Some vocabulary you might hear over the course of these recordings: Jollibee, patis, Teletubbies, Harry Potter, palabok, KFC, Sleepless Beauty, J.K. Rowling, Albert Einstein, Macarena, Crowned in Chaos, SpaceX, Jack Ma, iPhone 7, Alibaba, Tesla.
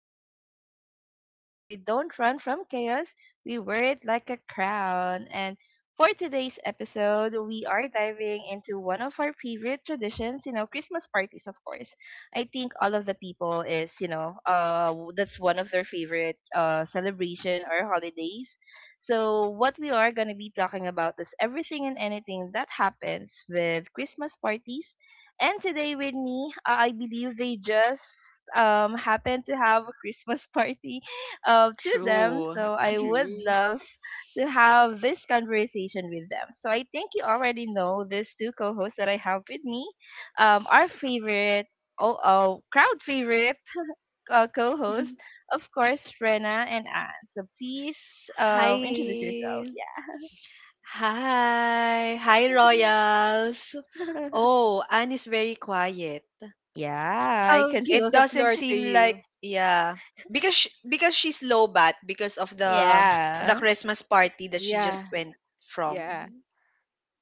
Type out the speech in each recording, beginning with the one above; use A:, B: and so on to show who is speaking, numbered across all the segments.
A: Crowned in Chaos, where we don't run from chaos, we wear it like a crown. And for today's episode, we are diving into one of our favorite traditions, Christmas parties, of course. I think all of the people is, that's one of their favorite celebration or holidays. So what we are going to be talking about is everything and anything that happens with Christmas parties and today with me, I believe they just happen to have a Christmas party to them.
B: True.
A: So I would
C: True.
A: love to have this conversation with them. So I think you already know these two co-hosts that I have with me. Our favorite, oh crowd favorite co-host, of course, Rena and Anne. So please introduce
B: Hi.
A: yourself. Yeah.
B: Hi. Hi, Royals. Oh, Anne is very quiet.
A: Yeah, I
C: I'll
A: can
C: give
B: It
A: feel.
C: the
B: doesn't
C: floor to
B: seem
C: you.
B: like, yeah, because she's low bat because of the
A: Yeah.
B: Christmas party that she
C: Yeah,
B: just went from.
C: yeah,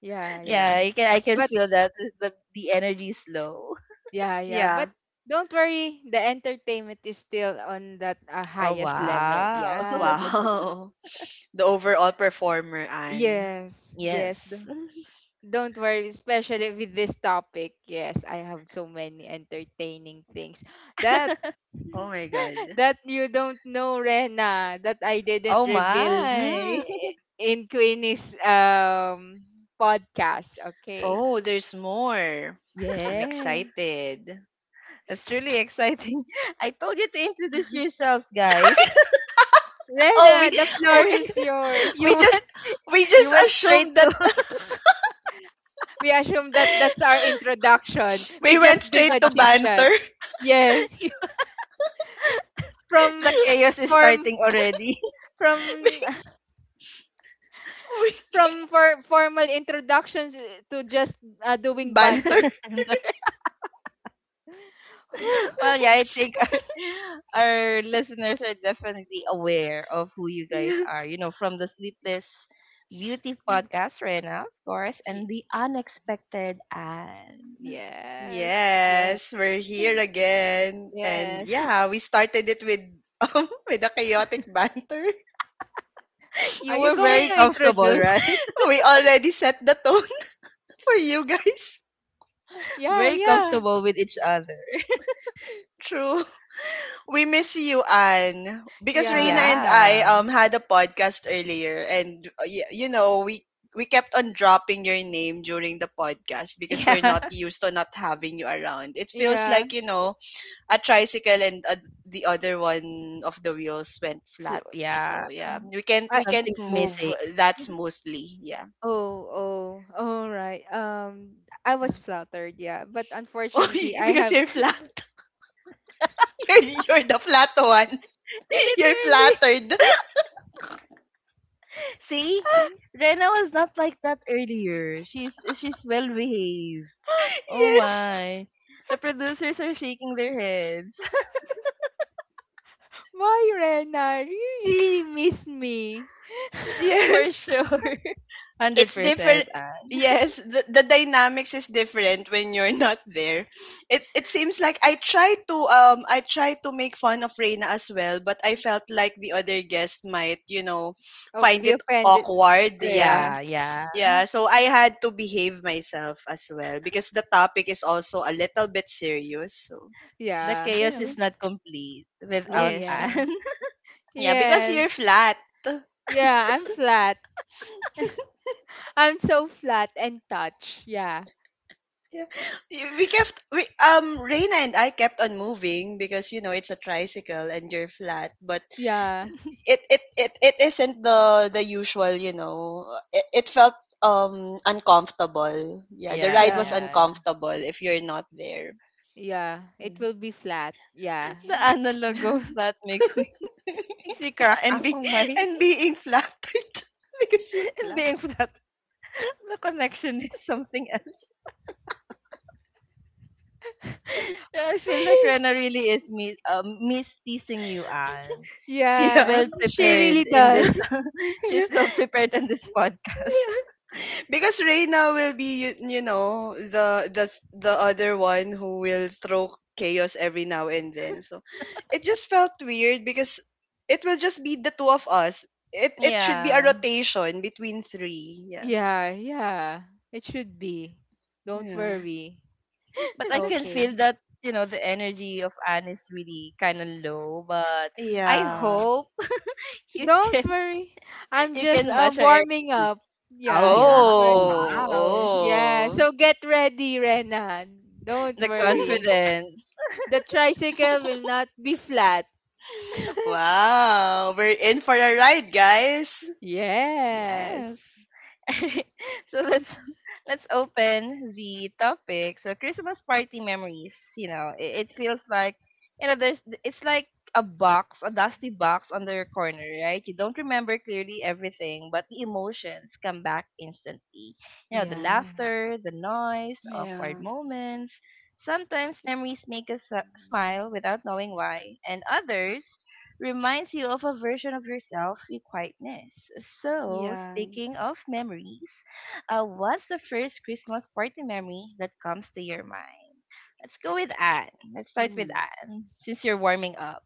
C: yeah,
A: Yeah,
C: yeah.
B: Yeah.
A: I can
C: But
A: feel that is the energy is low.
C: yeah. But
B: Yeah.
C: don't worry, the entertainment is still on that
A: Oh
C: highest level.
A: wow.
C: Yeah.
B: Wow. The overall performer, Anne.
C: Yes,
A: Yes.
C: yes. do- Don't worry, especially with this topic. Yes, I have so many entertaining things that
B: Oh my God.
C: that you don't know, Rena, that I didn't
A: Oh
C: reveal
A: my.
B: Mm.
C: in Queenie's podcast. Okay.
B: Oh, there's more. I'm
C: Yeah.
B: excited.
A: That's really exciting. I told you to introduce yourselves, guys.
B: Oh,
C: Rena, the floor is yours.
A: you
B: we
A: went
B: just we
A: you
B: just
A: went straight
B: assumed that
A: to.
C: We assume that that's our introduction. We
B: we went
C: just did
B: straight
C: a
B: to
C: chit chat.
B: banter.
A: you-
C: Yes.
A: the
C: From the-
A: chaos is starting already.
C: from
B: We-
C: from for formal introductions, to just doing
B: banter.
C: banters. Whew.
A: Well, yeah, I think our, our listeners are definitely aware of who you guys
B: Yeah.
A: are. You know, from the Sleepless Beauty podcast, Rena, of course,
C: Y-
A: and the unexpected Anne.
C: Yes. Yes.
B: Yes, we're here again, and
C: Yes.
B: yeah, we started it with with a chaotic banter.
C: Are
A: You
C: you
A: were
C: going
A: very
C: to
A: comfortable, right?
C: introduce?
B: We already set the tone for you guys.
C: Yeah,
A: Very
C: yeah.
A: comfortable with each other.
B: True. We miss you, Anne. Because Reina
C: Yeah.
B: and I
A: Yeah.
B: had a podcast earlier, and you know, we kept on dropping your name during the podcast because we're
A: Yeah.
B: not used to not having you around. It feels
C: Yeah.
B: like a tricycle, and the other one of the wheels went
A: So,
B: flat.
A: yeah.
B: So yeah, we can't
A: Something's
B: move
A: missing.
B: that smoothly. Yeah.
C: Oh, oh, all right. I was
B: Yeah.
C: flattered, yeah. But
B: Oh,
C: unfortunately, I
B: because
C: have.
B: you're flat. You're the flat one. You're
A: Literally.
B: flattered.
A: See? Rena was not like that earlier. She's well behaved. Oh
B: Yes.
A: my. The producers are shaking their heads.
C: Why, Rena? You really miss me.
A: For
B: Yes.
A: sure.
B: It's different,
A: 100%. Anne.
B: yes, the dynamics is different when you're not there. It seems like I tried to make fun of Reina as well, but I felt like the other guest might,
C: Oh,
B: find
C: be
B: it
C: offended.
B: awkward. Yeah,
C: Yeah,
A: Yeah, yeah.
B: yeah. So I had to behave myself as well, because the topic is also a little bit serious. So
A: The
C: yeah,
A: chaos
B: yeah.
C: yeah.
A: is not complete
C: Oh,
A: without
B: Yes.
C: yeah.
A: Anne.
B: Yeah, because you're
C: Yes.
B: flat.
C: Yeah, I'm flat. I'm so flat and touch. Yeah,
B: Yeah. We kept we Reina and I kept on moving, because it's a tricycle and you're flat, but
C: yeah,
B: it isn't the usual, you know. It felt uncomfortable. Yeah, the
A: Yeah,
B: ride
C: yeah,
B: was
A: yeah.
B: uncomfortable if you're not there.
C: yeah. It
B: Mm.
C: will be flat. Yeah.
A: The analog of that makes me makes me crack
B: and
A: up
B: be
A: on my
B: and being flattered because you're
A: and
B: flat.
A: being flat. The connection is something else. Yeah, I feel like Rena really is me miss teasing you, Anne. She's
C: Yeah,
B: Yeah.
A: well
C: she really
A: prepared in
B: Yeah.
A: this
C: does.
A: she's
B: Yeah.
A: well prepared in this podcast.
B: Yeah. Because Reyna will be, you know, the other one who will throw chaos every now and then. So it just felt weird, because it will just be the two of us. It should be a
A: Yeah.
B: rotation between three. Yeah.
C: Yeah, yeah. It should be. Don't
B: Yeah.
C: worry.
A: But I can
B: Okay.
A: feel that the energy of Anne is really kind of low. But I
B: Yeah.
A: hope you
C: Don't
A: can
C: worry. I'm
A: you
C: just
A: can match her
C: warming
A: energy.
C: up.
A: Oh
C: Yeah,
A: yeah!
C: don't
A: Oh
C: worry.
B: Oh.
A: wow!
C: Yeah,
B: Oh.
C: so get ready, Rena. Don't
A: The
C: worry.
A: confidence.
C: The tricycle will not be flat.
B: Wow. We're in for a ride, guys.
A: Yes.
C: Yes.
A: So let's let's open the topic. So Christmas party memories. You know, it feels like you know there's it's like a box, a dusty box on the corner, right? You don't remember clearly everything, but the emotions come back instantly. You know, the
C: Yeah.
A: laughter, the noise, awkward
B: Yeah.
A: moments. Sometimes memories make us smile without knowing why, and others reminds you of a version of yourself you quietness. So,
B: Yeah.
A: speaking of memories, what's the first Christmas party memory that comes to your mind? Let's go with Anne. Let's start with
B: Hmm.
A: Anne since you're warming up.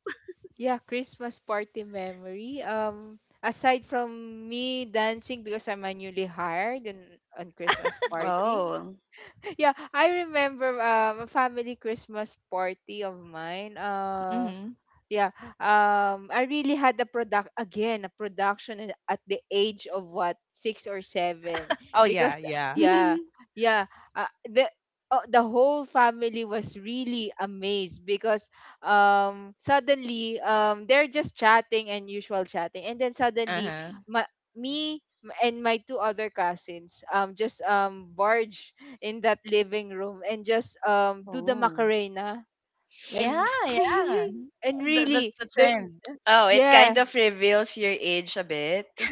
C: Yeah, Christmas party memory. Aside from me dancing because I'm a newly hired and on Christmas party.
B: Oh.
C: Yeah, I remember a family Christmas party of mine.
A: Mm-hmm.
C: Yeah. I really had a product again, a production at the age of what six or seven,
A: Oh yeah,
C: because
A: yeah.
C: yeah, yeah, uh, the the whole family was really amazed because suddenly they're just chatting and usual chatting, and then
A: Uh
C: suddenly
A: huh.
C: my me m- and my two other cousins just barge in that living room and just do the
B: Oh.
C: macarena
A: Yeah,
C: and
A: yeah.
C: and
A: That's
C: really
A: the trend.
B: Oh, it
C: yeah.
B: kind of reveals your age a bit.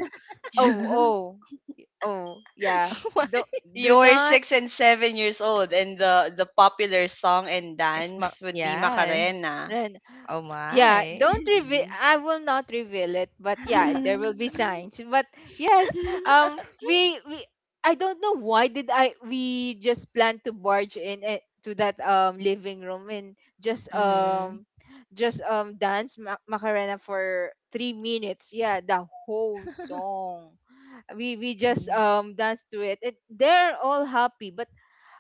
C: Oh, oh, yeah.
A: What?
C: Don't do
B: You're
C: not
B: 6 and 7 years old, and the popular song and
A: It's my,
B: dance would be
A: yeah.
B: Macarena.
C: run.
A: Oh
C: Yeah,
A: my.
C: don't reveal.
B: Mhm.
C: I will not reveal it, but yeah, there will be signs. But yes, we I don't know why did I we just plan to barge in it to that living room and just
A: Mm-hmm.
C: dance Macarena for 3 minutes. Yeah, the whole song we just dance to it. They're all happy, but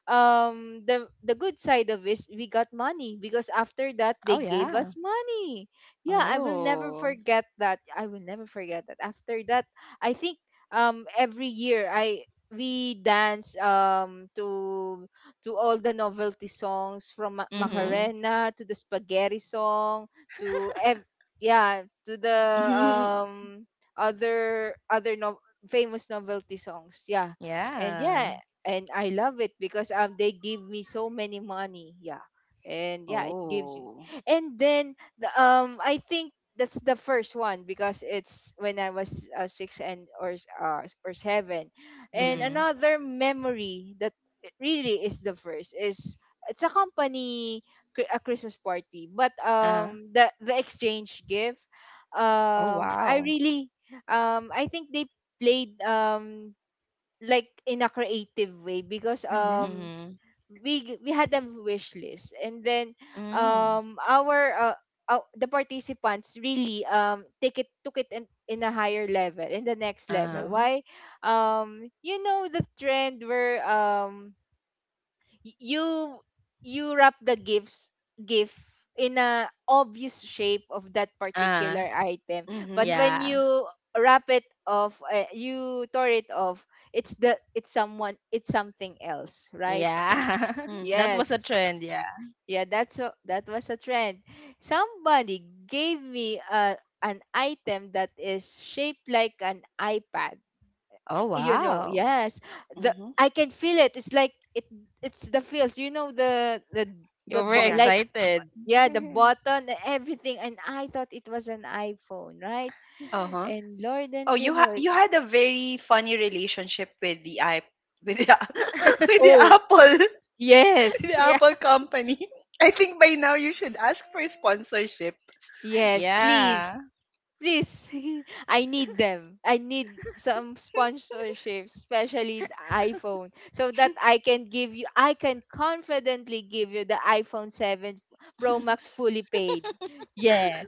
C: the good side of is we got money because after that they
A: Oh
C: gave
A: yeah.
C: us money. Yeah, I will never
B: Oh.
C: forget that. After that, I think every year I we dance to all the novelty songs, from
B: Mhm.
A: Mm-hmm.
C: Macarena to the spaghetti song to ev- yeah to the um other other no- famous novelty songs, yeah. And
A: Yeah.
C: yeah, and I love it because they give me so many money. Yeah. And yeah, it gives me.
B: Oh.
C: And then I think that's the first one because it's when I was 6 and or or 7.
B: Yeah.
C: And
A: Mm-hmm.
C: another memory that really is the first is it's a company a Christmas party, but
A: Uh-huh.
C: the exchange gift.
A: Oh
C: um I
A: wow.
C: really I think they played like in a creative way because
B: Mhm.
A: Mm-hmm.
C: we had a wish list, and then
A: Mm.
C: um our uh, the participants really take it took it in a higher level, in the next level.
A: Uh,
B: Mhm.
C: Why? You know the trend where, you, you wrap the gift in a obvious shape of that
A: uh,
C: particular item, but
B: Mhm.
C: when
A: yeah,
C: you wrap it off you tore it off, it's the it's someone it's something else, right?
A: yeah.
B: Mhm.
A: That was a
C: Yes,
A: trend, yeah.
C: yeah, that's a, that was a trend. Somebody gave me a an item that is shaped like an iPad,
A: Oh,
C: you know?
A: wow.
C: Yes, the
B: Mhm.
C: I can feel it. It's like, it it's the feels you know,
A: You
C: the
A: were
C: bo-
B: Yeah.
C: like
A: excited.
C: yeah the button and everything, and I thought it was an iPhone, right?
B: Uh huh.
C: And lord
B: Oh,
C: and
B: you ha-
C: behold,
B: you had a very funny relationship with the iP with the with the
C: oh,
B: Apple. The
C: yes.
A: Yeah,
B: Apple company. I think by now you should ask for sponsorship.
C: Yes, please.
A: yeah.
C: Please. I need them. I need some sponsorship, especially the iPhone, so that I can give you I can confidently give you the iPhone 7 Pro Max, fully paid. Yes.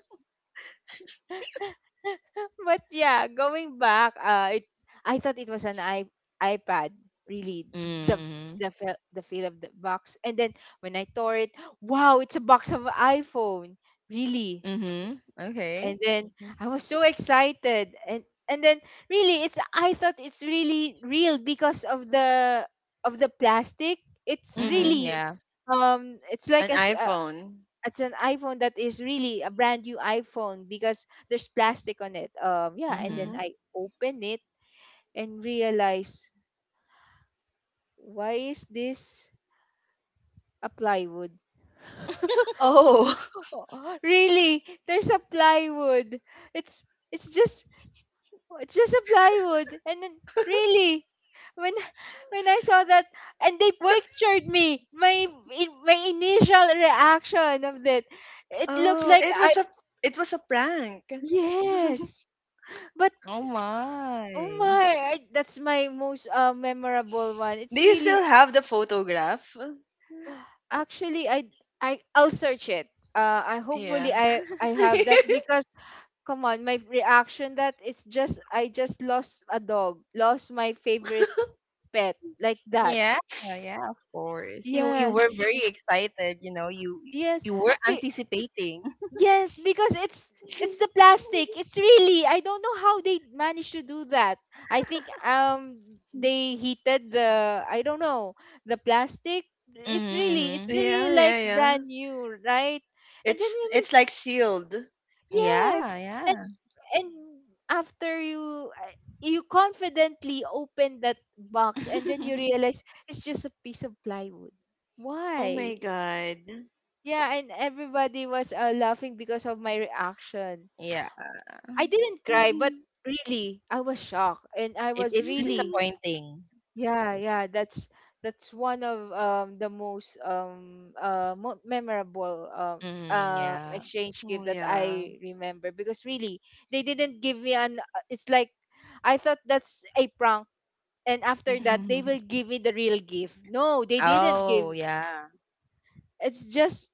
C: But yeah, going back, it I thought it was an I iPad, really. The
A: Mm-hmm.
C: the feel of the box. And then when I tore it, wow, it's a box of iPhone. Really.
A: Mm-hmm. Okay.
C: And then I was so excited, and then really, it's, I thought it's really real because of the plastic. It's
B: Mm-hmm.
A: Mm-hmm.
C: really
A: Yeah.
C: it's like
B: An
C: as
B: iPhone.
C: it's an iPhone that is really a brand new iPhone because there's plastic on it, yeah. And
A: Mm-hmm.
C: then
B: Mm-hmm.
C: I open it and realize, why is this a plywood?
B: Oh,
C: Really, there's a plywood. It's it's just Oh, it's just a plywood. And then really, when when I saw that, and they
B: what?
C: pictured me, my my initial reaction of that, it looks
B: Oh,
C: like
B: it
C: I.
B: was a it was a prank.
C: Yes. But
A: Oh
C: oh
A: my.
C: my, that's my most memorable one.
B: Do
C: It's
B: you
C: really.
B: still have the photograph?
C: Actually, I'll search it. I hopefully
B: Yeah.
C: I have that because, come on, my reaction, that is just, I just lost a dog, lost my favorite pet, like that.
A: Yeah, yeah, of course. You were
C: Yes,
A: very excited, you know, you
C: yes,
A: you were
C: be-
A: anticipating.
C: yes, because it's the plastic. It's really, I don't know how they managed to do that. I think they heated the, I don't know, the plastic. It's
A: Mm-hmm.
C: really, it's
A: Mm-hmm.
C: really
B: Yeah,
C: like
B: yeah, yeah.
C: brand new, right? And then
B: It's
C: when
B: it's like sealed.
A: Yeah,
C: yes, and
A: yeah.
C: and after you you confidently open that box, and then you realize it's just a piece of plywood.
B: Oh my
C: Why?
B: God.
C: Yeah, and everybody was laughing because of my reaction.
A: Yeah.
C: I didn't cry,
B: Mhm,
C: but really, I was shocked, and I
A: It,
C: was
A: it's
C: really,
B: mhm.
A: disappointing.
C: yeah, yeah. That's one of the most memorable
A: Mhm, yeah.
C: exchange
B: Oh,
C: gift that
B: yeah.
C: I remember because really, they didn't give me an, it's like I thought that's a prank, and after
B: Mm-hmm.
C: that they will give me the real gift. No, they didn't give.
A: Oh, yeah.
C: It's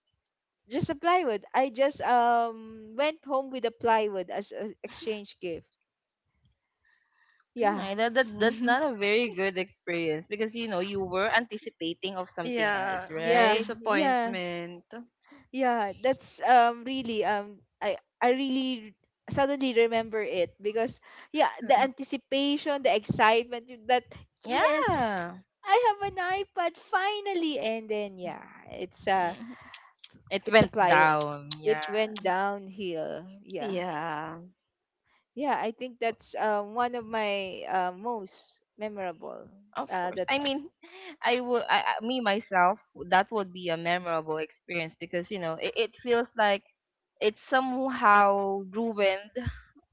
C: just a plywood. I just went home with a plywood as an exchange gift.
A: Mm,
C: Yeah.
A: that's
B: Mm-hmm.
A: not a very good experience because you were anticipating of something else,
B: Yeah, the
C: Yeah.
A: right?
C: Yeah.
B: disappointment.
C: Yeah. That's really, I really suddenly remember it because yeah, the
A: Mhm.
C: anticipation, the excitement that, yes,
A: Yeah.
C: I have an iPad finally. And then yeah, it's
A: Mhm. It
C: a
A: went
C: plywood.
A: down.
C: It
A: Yeah.
C: went downhill. Yeah.
B: Yeah.
C: Yeah, I think that's one of my most memorable,
A: Of course.
C: that
A: I mean, I me myself, that would be a memorable experience because it feels like it somehow ruined,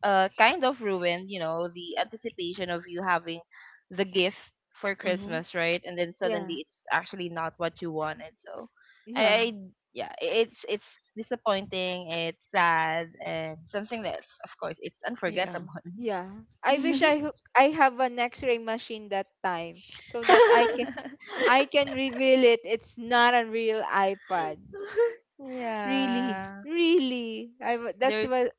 A: kind of ruined, the anticipation of you having the gift for
B: Mm-hmm.
A: Christmas, right, and then
C: yeah,
A: suddenly it's actually not what you wanted, so I
C: yeah,
A: yeah, it's disappointing, it's sad, and something that's, of course, it's
B: Yeah.
A: unforgettable.
C: yeah. I wish I have an X-ray machine that time so that I can I can reveal it. It's not a real iPad. Really,
A: Yeah,
C: really. That's
A: they're
C: what,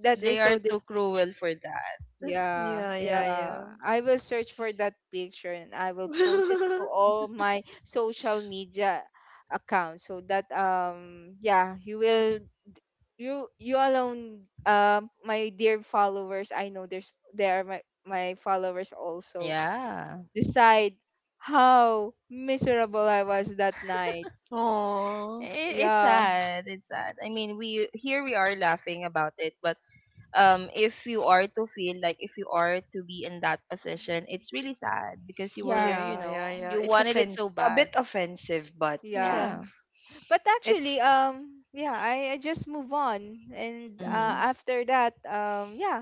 C: that is
A: they
C: so.
A: are too cruel for that.
C: Yeah,
B: Yeah, yeah,
C: yeah.
B: yeah.
C: I will search for that picture and I will post it to all my social media accounts so that, yeah, you will, you alone, my dear followers, I know there are my followers also,
A: Yeah,
C: decide how miserable I was that night.
B: Oh,
A: it, it's
C: Yeah,
A: sad it's sad I mean, we are laughing about it, but if you are to feel like if you are to be in that position it's really sad because you were
C: yeah,
A: you
B: yeah,
A: know
B: yeah, yeah.
A: you
B: It's
A: wanted it
B: offense
A: so
B: A
A: bad.
B: bit offensive, but yeah,
C: yeah.
A: Yeah.
C: But
B: it's.
C: actually, yeah, I just move on. And
B: Hmm.
A: Mm-hmm.
C: after that, yeah,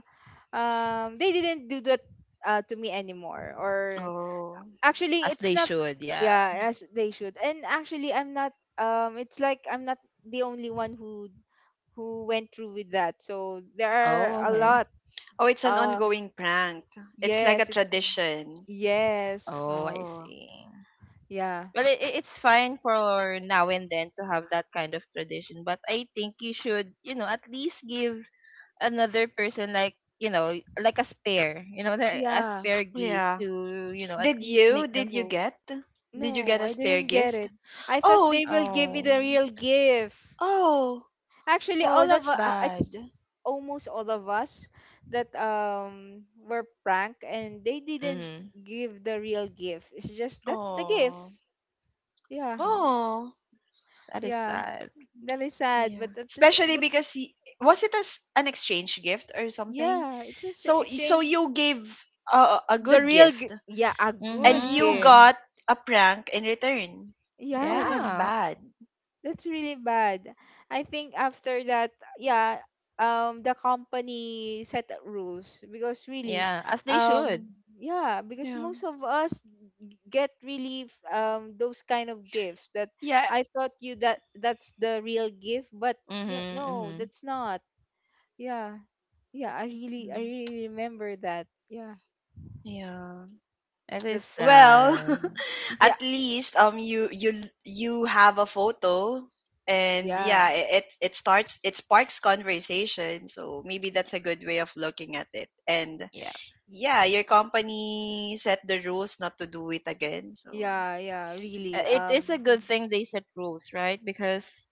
C: they didn't do that to me anymore, or
B: Oh,
C: actually
A: As
C: it's
A: they
C: not,
A: should. Yeah.
C: yeah, as they should. And actually, I'm not, it's like I'm not the only one who went through with that, so there
A: Oh,
C: are a
B: hmm
A: okay.
C: lot.
B: oh, it's an
C: uh
B: ongoing prank. It's like a
C: yes, it's,
B: tradition.
C: yes
A: Oh, I
B: Oh,
A: see.
C: yeah,
A: Well, it's fine for now and then to have that kind of tradition, but I think you should, at least give another person, like, like a spare, like a
C: yeah.
A: spare gift,
B: yeah.
A: to at
B: Did
A: least
B: you?
A: make them
B: Did you
A: feel.
B: get?
C: No,
B: Did you get a
C: I
B: spare
C: didn't get
B: gift?
C: it. I thought
B: Oh,
C: they will give me the
A: Oh.
C: real gift.
B: oh,
C: Actually,
B: oh.
C: all of
B: That's
C: u-
B: bad.
C: it's almost all of us that were pranked, and they didn't
A: Mm-hmm.
C: give the real gift. It's just that's the gift.
B: Oh,
C: Yeah,
B: oh.
A: That is
C: yeah.
A: sad.
C: That is sad,
B: Yeah.
C: but
B: Especially
C: but
B: because was it as an exchange gift or something?
C: yeah, it's just
B: So
C: exchange,
B: you gave a
C: the
B: good gift,
C: yeah, a
B: and
C: good
B: you
C: gift.
A: Mhm.
B: got a prank in return. Oh, that's
C: Yeah,
A: Yeah.
B: bad.
C: that's really bad. I think after that, yeah, the company set up rules because really,
A: Yeah, as they should.
C: um, yeah, because
B: Yeah.
C: most of us get really those kind of gifts that
B: Yeah.
C: I thought you, that that's the real gift, but you,
A: Mhm.
C: no,
A: Mhm.
C: that's not. Yeah. Yeah,
B: Mm.
C: I really remember that. Yeah,
B: Yeah.
A: It is
C: that's
B: Well,
A: sad.
C: yeah,
B: at least, you have a photo, and
C: yeah,
B: yeah, it sparks conversation. So maybe that's a good way of looking at it. And
A: Yeah.
B: yeah, your company set the rules not to do it again. So,
C: yeah, yeah. Really,
A: It is a good thing they set rules, right? Because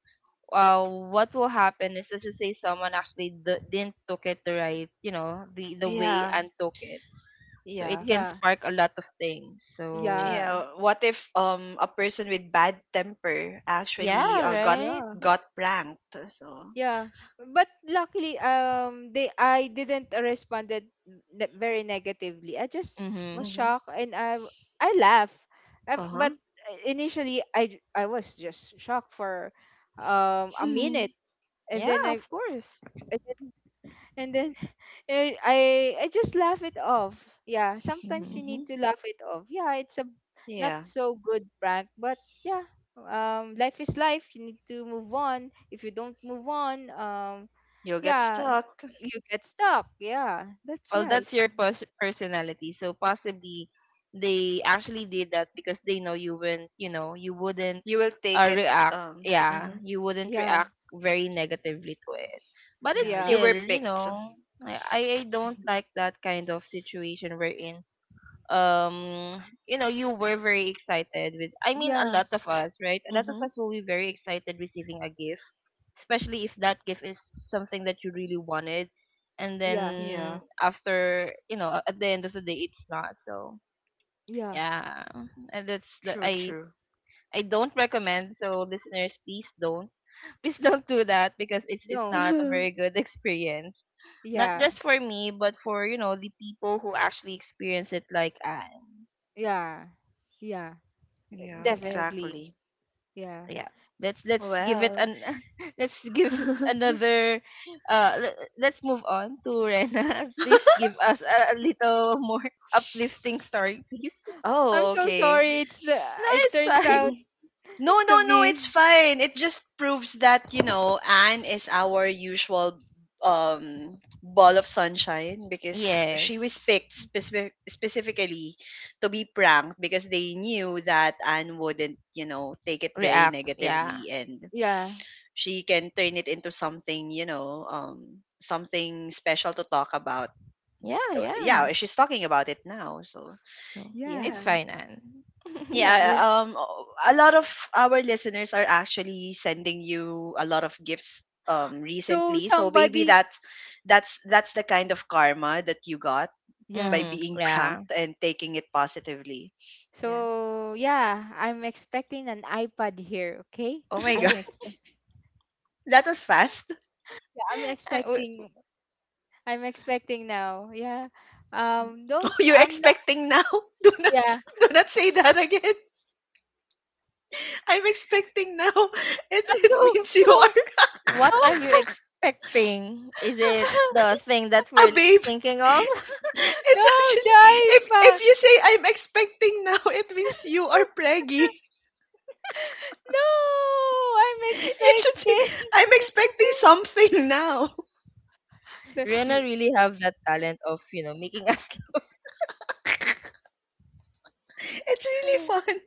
A: what will happen is, let's just say someone actually didn't took it the right, the way,
B: yeah,
A: and took it. So it
B: yeah.
A: can
C: yeah,
A: spark a lot of things. So
C: yeah,
B: Yeah, what if a person with bad temper
A: yeah,
B: actually uh, got
A: right.
C: yeah,
B: got pranked? So,
C: yeah. But luckily, they, I didn't responded ne very negatively. I just was
A: Mhm.
B: mhm.
C: shocked, and I laugh, but
B: Uh-huh.
C: initially I was just shocked for a minute,
B: Mhm.
C: and
A: Yeah,
C: then
A: of course.
C: and then, and then, er, I just laugh it off. Yeah, sometimes
A: Mhm.
C: you need to laugh it off. Yeah, it's a not
B: Yeah,
C: so good prank, but yeah, life is life. You need to move on. If you don't move on,
B: you'll get
C: yeah,
B: stuck.
C: you get stuck. Yeah, that's
A: Well,
C: right.
A: that's your personality. So possibly they actually did that because they know you wouldn't,
B: You will take it,
A: react. Yeah,
B: mhm.
A: you wouldn't
C: Yeah,
A: react very negatively to it. But it's
B: Yeah,
C: yeah,
B: you
A: still,
B: were picked.
A: I don't like that kind of situation wherein um you were very excited with, I mean, a
C: yeah,
A: lot of us, right, a lot of us
B: Mhm.
A: will be very excited receiving a gift, especially if that gift is something that you really wanted, and
C: yeah,
A: then
B: Yeah,
A: after, at the end of the day, it's not, so
C: yeah.
A: yeah. And that's that.
B: true,
A: i
B: true.
A: i don't recommend. So listeners, please don't please don't do that, because it's
C: Don't.
A: not a very good experience, not
C: Yeah,
A: just for me but for, the people who actually experience it, like I
C: yeah, yeah.
B: Yeah,
A: yeah.
C: Definitely.
B: exactly.
C: Yeah.
A: So yeah, let's give it
B: Well.
A: an let's give it another le- let's move on to Rena. Please give us a little more uplifting story, please.
C: I'm
B: Oh,
C: so
B: okay.
C: sorry. It's the.
A: No,
C: It
A: it's
C: turns
A: fine.
C: out
B: No, no,
C: to
B: no, it's
C: be.
B: fine. It just proves that, you know, Anne is our usual, um ball of sunshine, because she was
A: Yes.
B: picked specifically to be pranked because they knew that Anne wouldn't, take it very
A: React. Yeah.
B: negatively, and
C: Yeah.
B: she can turn it into something, something special to talk about.
A: Yeah,
B: Uh,
A: yeah.
B: Yeah, she's talking about it now. So,
A: So
C: Yeah.
A: it's
B: yeah.
A: fine, Anne.
B: Yeah,
C: Yeah.
A: Don't-
B: um, a lot of our listeners are actually sending you a lot of gifts
C: So
B: recently. So maybe
C: somebody,
B: that's the kind of karma that you got by
C: yeah.
A: Mm-hmm.
B: being
A: Yeah.
B: pranked and taking it positively. Yeah.
C: So yeah, I'm expecting an iPad here, okay?
B: Oh my God,
C: I'm expect
B: that was fast.
C: Yeah, I'm
A: I- w-
C: expecting. I'm expecting now. Yeah.
B: Oh,
C: Don't
B: you're
C: I'm not
B: expecting now? Do not
C: Yeah.
B: say that again. I'm expecting now. It it
C: No,
B: means you
C: no,
A: what are you
C: no.
B: are.
A: expecting? Is it the thing that
B: A
A: we're
B: baby.
A: thinking of?
C: No,
B: It's
C: the
B: actually, if
C: iPad.
B: you say I'm expecting now, it means you are preggy.
C: No, I'm
B: You should say
C: expecting.
B: I'm expecting something now.
C: The-
A: Rena
C: y-
A: really have that talent of, making.
B: It's really fun.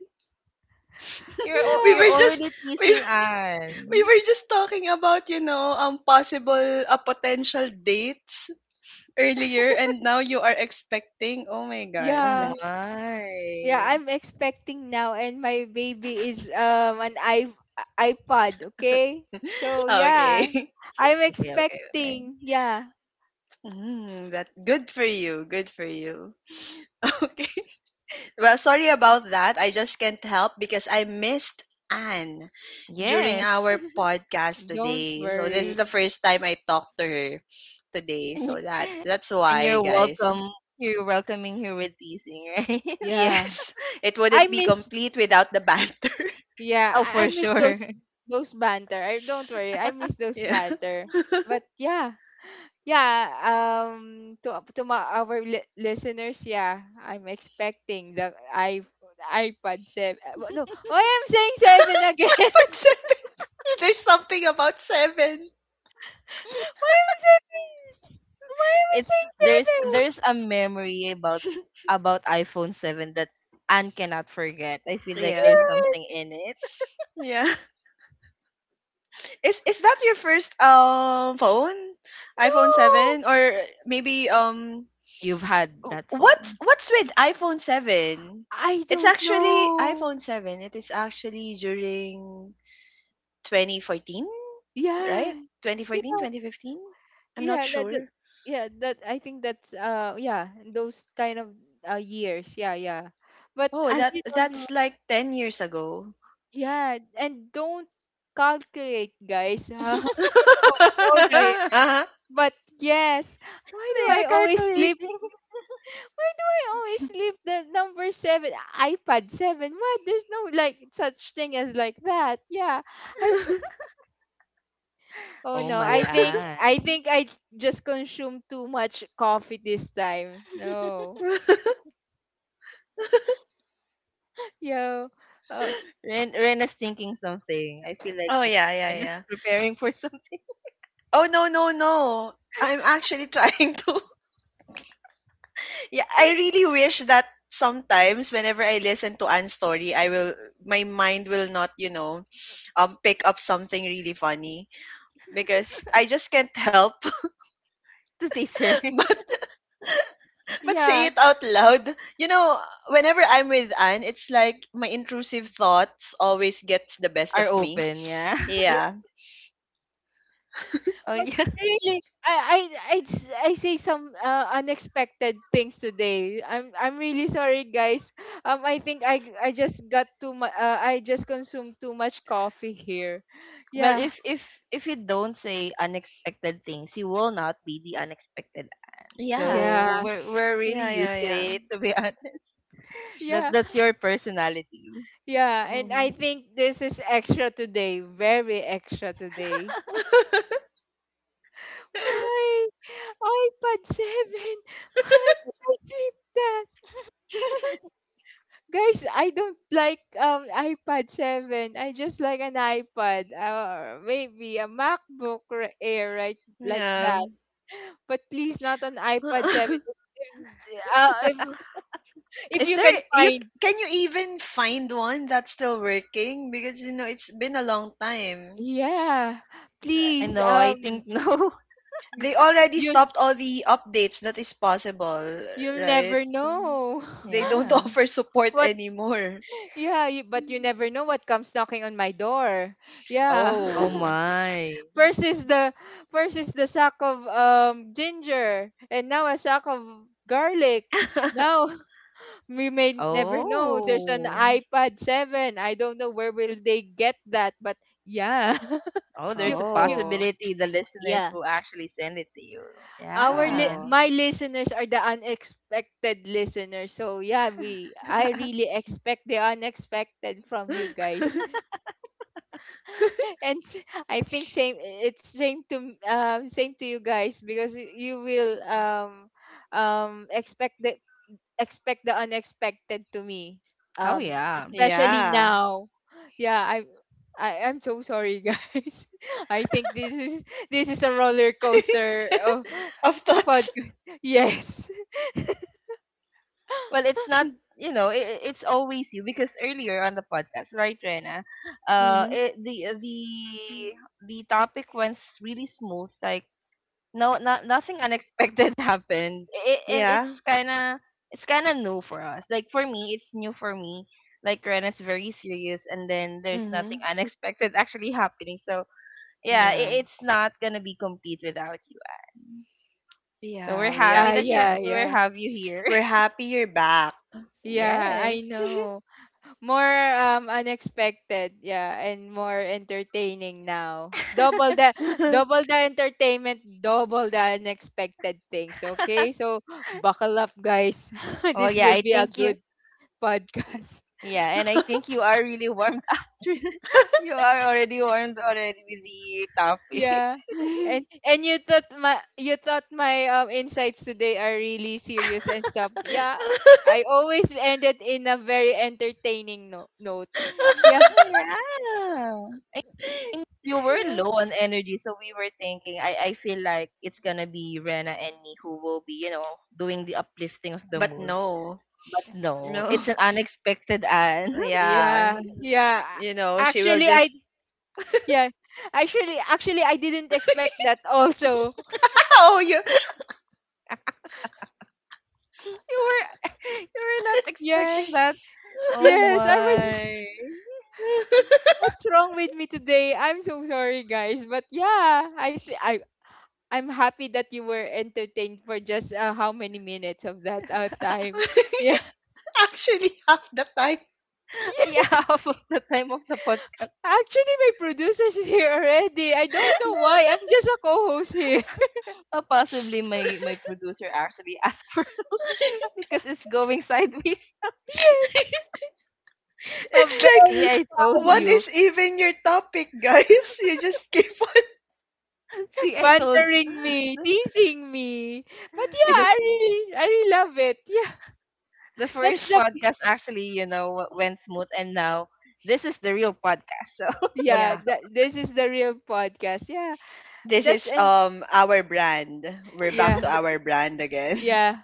A: You're al-
B: We
A: you're
C: yeah.
B: were just
A: already
B: we
A: teasing
B: We
A: Anne.
B: were just talking about, possible, potential dates earlier, and now you are expecting. Oh my God.
A: Oh
C: Yeah. Yeah,
A: my.
C: I'm expecting now, and my baby is an I iPod. Okay, so yeah,
B: Okay.
C: I'm
A: Okay, okay, okay.
C: expecting. Yeah,
B: Mm, that good for you. Good for you. Okay. Well, sorry about that. I just can't help, because I missed Anne during
A: Yes.
B: our podcast
C: don't
B: today. So this is the
C: worry.
B: first time I talked to her today.
A: and
B: So
A: y-
B: that's
A: and
B: why,
A: you're
B: guys.
A: welcome. You're welcoming her with teasing, right?
C: Yeah,
B: Yes, it
C: I
B: wouldn't be
C: miss.
B: complete without the banter.
C: Yeah,
A: Oh,
C: I
A: for
C: miss
A: sure.
C: those banter. I don't worry. I miss those
B: Yeah.
C: banter. But yeah, yeah. To my, our listeners, yeah, I'm expecting the I iPod seven. No, oh, I'm saying seven again.
B: But seven. There's something about seven.
C: Why am I raised? Why am I
A: It's
C: saying seven?
A: there's a memory about iPhone 7 that Anne cannot forget. I feel like
B: Yeah.
A: there's
C: Yeah.
A: something in it.
B: Yeah. Is that your first phone? iPhone
C: No.
B: 7, or maybe,
A: You've had that
B: what's
A: phone.
B: what's with iPhone 7?
C: I
B: It's
C: don't
B: actually
C: know.
B: iPhone 7. It is actually during 2014, right?
C: Yeah.
B: 2014,
C: Yeah.
B: 2015? I'm not
C: Yeah.
B: sure.
C: Yeah. That I think that's yeah those kind of years. Yeah. Yeah. But
B: Oh,
C: I really don't know.
B: that's like 10 years ago.
C: Yeah. And don't calculate, guys. How
B: Oh,
C: old I am. But yes. Why do
A: They are
C: I always live?
A: calculating.
C: Why do I always leave the number seven iPad seven? What? There's no like such thing as like that. Yeah. I've oh
A: Oh
C: no,
A: my,
C: I think
A: Anne.
C: I think I just consumed too much coffee this time. No. Yo. Uh,
A: Rena's thinking something. I feel like
B: yeah, yeah,
A: Rena's
B: yeah.
A: preparing for something
B: Oh, no, no, no. I'm actually trying to yeah, I really wish that sometimes, whenever I listen to Anne's story, I will my mind will not, pick up something really funny, because I just can't help
A: to tease her.
B: but but say
C: yeah.
B: it out loud. You know, Whenever I'm with Anne, it's like my intrusive thoughts always gets the best
A: Are
B: of me.
A: open, yeah.
C: Yeah.
B: Yeah.
A: Oh
C: But
A: yeah.
C: really, I say some unexpected things today. I'm really sorry guys. I think I just got too much I just consumed too much coffee here.
A: Well,
C: Yeah.
A: if you don't say unexpected things, you will not be the unexpected aunt.
B: Yeah.
A: So
C: Yeah.
A: we're really
B: Yeah, yeah,
A: used to
B: yeah.
A: it, to be honest. That
C: Yeah,
A: that's your personality.
C: yeah. And I
B: Hmm.
C: think this is extra today, very extra today. Why? iPad 7. Why did I sleep that? Guys, I don't like iPad 7. I just like an iPad or maybe a MacBook Air right like
B: Yeah.
C: that. But please not an iPad 7. If, uh, if, if
B: Is
C: you
B: there
C: can
B: you
C: find
B: can you even find one that's still working? Because it's been a long time.
C: yeah,
B: Uh,
A: I
C: please
A: know. I think no.
B: They already
C: you
B: stopped all the updates that is possible,
C: you'll
B: right?
C: never
B: So,
C: know.
B: they don't
A: Yeah.
B: offer support
C: What?
B: anymore.
C: Yeah, you, but you never know what comes knocking on my door. Yeah.
A: Oh
B: Oh.
A: my.
C: first is the first is the sack of ginger, and now a sack of garlic. Now we may never know. There's an
A: Oh.
C: iPad seven. I don't know where will they get that, but yeah,
A: Oh,
C: you
A: there's a
C: you
B: Oh.
A: possibility the listeners
C: yeah.
A: will actually send it to you.
C: Our
A: Yeah.
B: Oh.
C: my listeners are the unexpected listeners. So yeah, we I really expect the unexpected from you guys. and I think same it's same to same to you guys because you will um expect the expect the unexpected to me
A: Oh yeah.
C: especially
B: Yeah.
C: now yeah I'm so sorry guys I think this is a roller coaster oh
B: Of thoughts.
C: podcast yes
A: Well, it's not, I it's always you, because earlier on the podcast, right, Rena?
B: Mhm.
A: It, the topic went really smooth. Like, no, not nothing unexpected happened, I and
B: Yeah.
A: it's kind of new for us. Like, for me, it's new for me. Like, Rena's very serious, and then there's nothing
B: Mhm.
A: unexpected actually happening. So yeah,
B: Yeah.
A: it's not gonna be complete without you. So we're
B: Yeah. Yeah.
A: happy
C: yeah
A: that you
C: yeah
B: Mhm.
A: we
C: yeah
A: have you here.
B: We're happy you're back.
C: yeah I
A: Yes.
C: know More unexpected, yeah, and more entertaining now. Double the entertainment, double the unexpected things, okay? So buckle up guys.
A: Well,
C: this
A: yeah,
C: will
A: I
C: be a
A: think you.
C: good
A: y-
C: podcast.
A: Yeah, and I think you are really warmed after. You are already warmed already with the topic.
C: Yeah. And you thought my insights today are really serious and stuff. Yeah. I always ended in a very entertaining note. Yeah.
A: Yeah. You were
B: Yeah.
A: low on energy, so we were thinking. I feel like it's gonna be Rena and me who will be, doing the uplifting of the
B: But
A: mood.
B: no,
A: But no,
B: no.
A: it's an unexpected and
B: Yeah.
C: Yeah. Yeah.
B: She will
C: Actually, I
B: just,
C: yeah. Actually, I didn't expect that also.
B: oh, you.
A: you were you were not
C: Yeah.
A: expecting that. Oh
C: Yes, I was.
A: my!
C: What's wrong with me today? I'm so sorry, guys. But yeah, I I'm happy that you were entertained for just how many minutes of that time. Yeah.
B: Actually, half the time,
A: Yeah,
C: Yeah.
A: half of the time of the podcast.
C: Actually, my producer is here already. I don't know why. I'm just a co-host here.
A: Possibly my producer actually asked for because it's going sideways.
C: Yes. A
B: it's like,
A: See,
C: very
A: I told
B: what
C: silent,
A: you.
B: is even your topic, guys? You just keep on.
A: See, I told
C: bantering me,
A: you.
C: teasing me. But
A: The
C: yeah,
A: the, f-
C: I really love it. Yeah,
A: the
C: that's
A: first
C: the
A: podcast actually, went smooth, and now this is the real podcast. So
C: yeah
B: Yeah.
C: that this is the real podcast yeah
B: This
C: that's
B: is,
C: and
B: our brand. We're back
C: yeah
B: to our brand again.
C: yeah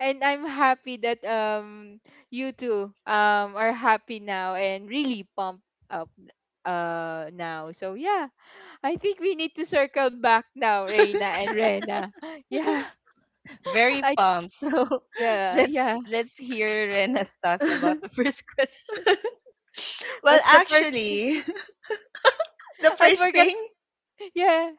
C: and I'm happy that you two are happy now and really pumped up now, so yeah I think we need to circle back now, Reina and Rena. Yeah.
A: very
C: I
A: pumped. So
C: yeah
A: let's
C: yeah
A: let's hear Rena's thoughts about the first question.
B: Well,
C: what's the perk
B: actually, the
C: I
B: first
C: forgot
B: thing,
C: yeah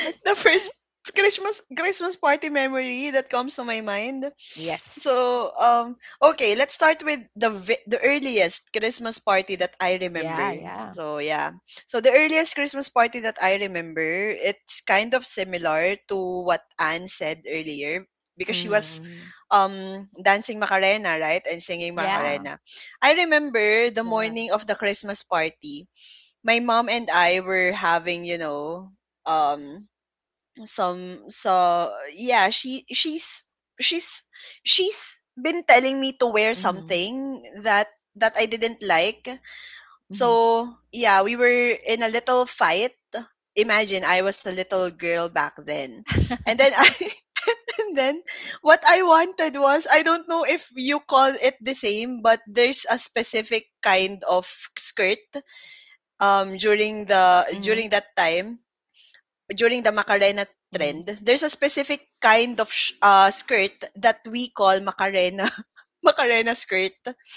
C: what?
B: the first Christmas party memory that comes to my mind.
A: Yes.
B: So, okay, let's start with the earliest Christmas party that I remember.
A: Yeah. Yeah.
B: So, yeah. So, the earliest Christmas party that I remember, it's kind of similar to what Anne said earlier, because she was
A: Mm-hmm.
B: um dancing Macarena, right? And singing
A: Yeah.
B: Macarena. I remember the
C: Yeah
B: morning of the Christmas party, my mom and I were having, um some so yeah, she's she's been telling me to wear
A: Mm-hmm.
B: something that I didn't like.
A: Mm-hmm.
B: So yeah, we were in a little fight. Imagine, I was a little girl back then, and then I and then what I wanted was, I don't know if you call it the same, but there's a specific kind of skirt,
A: Mm-hmm.
B: during that time, during the
A: Mm-hmm.
B: Macarena trend. There's a specific kind of skirt that we call Macarena, Macarena skirt.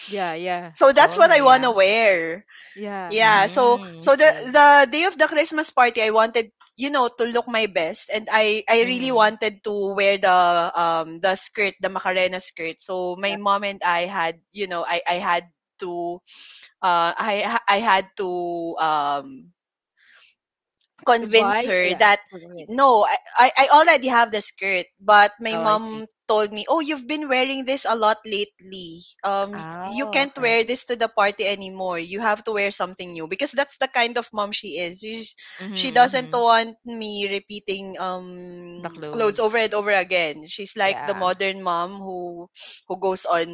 C: yeah yeah
B: So
A: Oh,
B: that's
A: okay.
B: what I
A: Yeah.
B: wanna wear.
C: yeah
B: Yeah. So
A: Mm-hmm.
B: so the
A: See.
B: the day of the Christmas party, I wanted, to look my best, and I really
A: Mm-hmm.
B: wanted to wear the skirt, the Macarena skirt. So my mom and I had, to I had to um
C: to buy
B: convince her
C: yeah
B: that
C: go ahead.
B: no, I already have the skirt, but my
A: Oh, I see.
B: mom told me, "Oh, you've been wearing this a lot lately. You
A: Oh,
B: can't
A: okay.
B: wear this to the party anymore. You have to wear something new." Because that's the kind of mom she is. She's,
A: Mhm,
B: she doesn't
A: mhm.
B: want me repeating,
A: The
B: clothes over
A: clothes.
B: and over again. She's like the
A: Yeah.
B: modern mom who goes on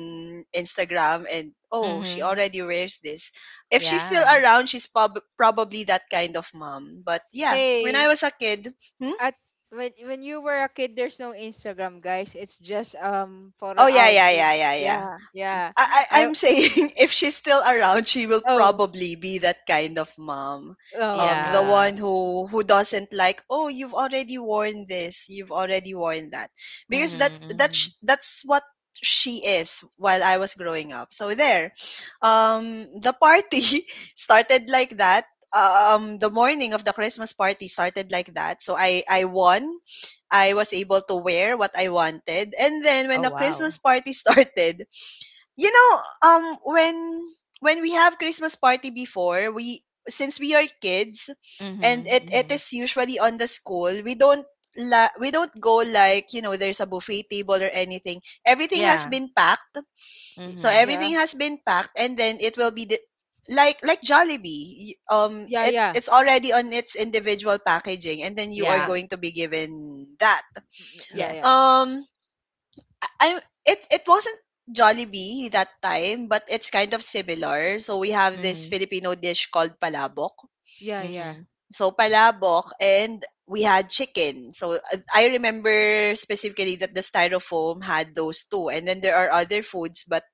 B: Instagram and, "Oh, she
A: Mhm.
B: already wears this." If she's still
A: Yeah.
B: around, she's probably that kind of mom. But yeah, when I
C: Hey
B: was a kid, hmm?
C: at when you were a kid there's no Instagram guys, it's just photo
B: Oh, yeah, yeah,
C: album.
B: yeah, yeah, yeah.
C: Yeah yeah.
B: I, I
C: I
B: I'm saying, if she's still around, she will
C: oh
B: probably be that kind of mom.
C: oh
B: The
C: oh
A: Yeah.
B: one who doesn't like, oh, you've already worn this, you've already worn that,
A: Mhm,
B: because that
A: mhm.
B: that's that's what she is while I was growing up. So um, the party started like that. The morning of the Christmas party started like that. So I won. I was able to wear what I wanted, and then when
A: Oh,
B: the Christmas
A: wow.
B: party started, you know when we have christmas party before we since we are kids and
A: Mhm,
B: it
A: mhm.
B: is usually on the school we don't we don't go like, you know, there's a buffet table or anything, everything has
A: Yeah.
B: been packed so
A: Mhm.
C: Yeah
B: everything has been packed and then it will be like Jollibee,
C: yeah
B: it's
C: yeah
B: it's already on its individual packaging and then you are
C: yeah
A: Yeah.
B: going to be given that.
C: yeah yeah
A: Yes.
B: Um I It wasn't Jollibee that time, but it's kind of similar. So we have this
A: Mhm,
B: Filipino dish called palabok.
C: yeah yeah yeah
A: mhm.
B: So palabok and we had chicken. So I remember specifically that the styrofoam had those two. And then there are other foods, but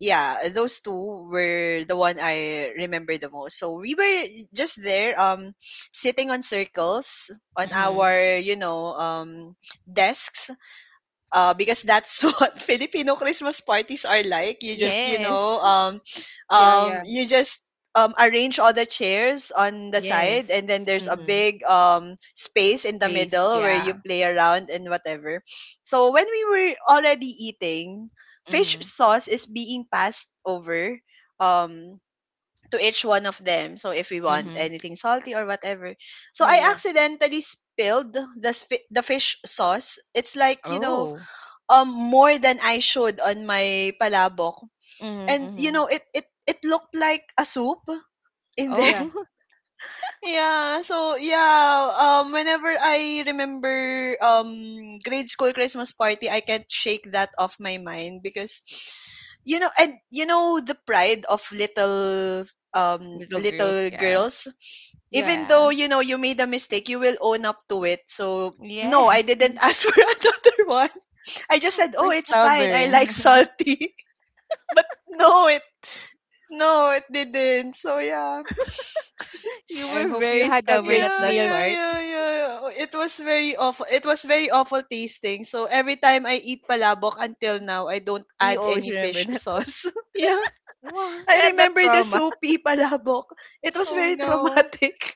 B: yeah, those two were the one I remember the most. So we were just there sitting on circles on
A: Mhm.
B: our, you know, desks because that's what Filipino Christmas parties are like. You just, you
A: Yes.
B: know,
C: yeah
B: you just arrange all the chairs on the
A: Yes.
B: side, and then there's a
A: Mhm.
B: big space in the
A: Space.
B: middle where you
A: Yeah.
B: play around and whatever. So when we were already eating, fish
A: Mhm.
B: sauce is being passed over, um, to each one of them. So if we want
A: Mhm.
B: anything salty or whatever. So
C: yeah
B: I
C: yeah
B: accidentally spilled the fish sauce. It's like, you know,
A: Oh.
B: more than I should on my palabok.
A: Mhm,
B: And you
A: mhm.
B: know, it looked like a soup in there.
C: yeah
A: Oh,
B: Yeah, so yeah, whenever I remember grade school Christmas party, I can't shake that off my mind because, you know, and you know the pride of little
A: little girls.
B: little
A: Yeah.
B: girls,
C: yeah
B: even
A: Yeah.
B: though you know you made a mistake, you will own up to it. So no, I
A: Yes.
B: didn't ask for another one. I just said,
A: We're
B: "Oh, it's fine. I
A: stubborn.
B: like salty." But no, it no, it didn't. So yeah.
A: You
C: I
A: were
C: hope you
A: very
C: had a
A: stubborn
C: great
A: at
B: Yeah,
A: that
C: meal.
B: yeah,
A: part.
B: yeah, yeah. Oh, it was very awful. It was very awful tasting. So every time I eat palabok until now, I don't
A: You
B: add
A: always
B: any
A: remember
B: fish
A: that.
B: sauce. Yeah.
C: What
A: You
B: I
A: had that
B: remember the
A: trauma.
B: soupy palabok. It was
C: oh
B: very
C: no
B: traumatic.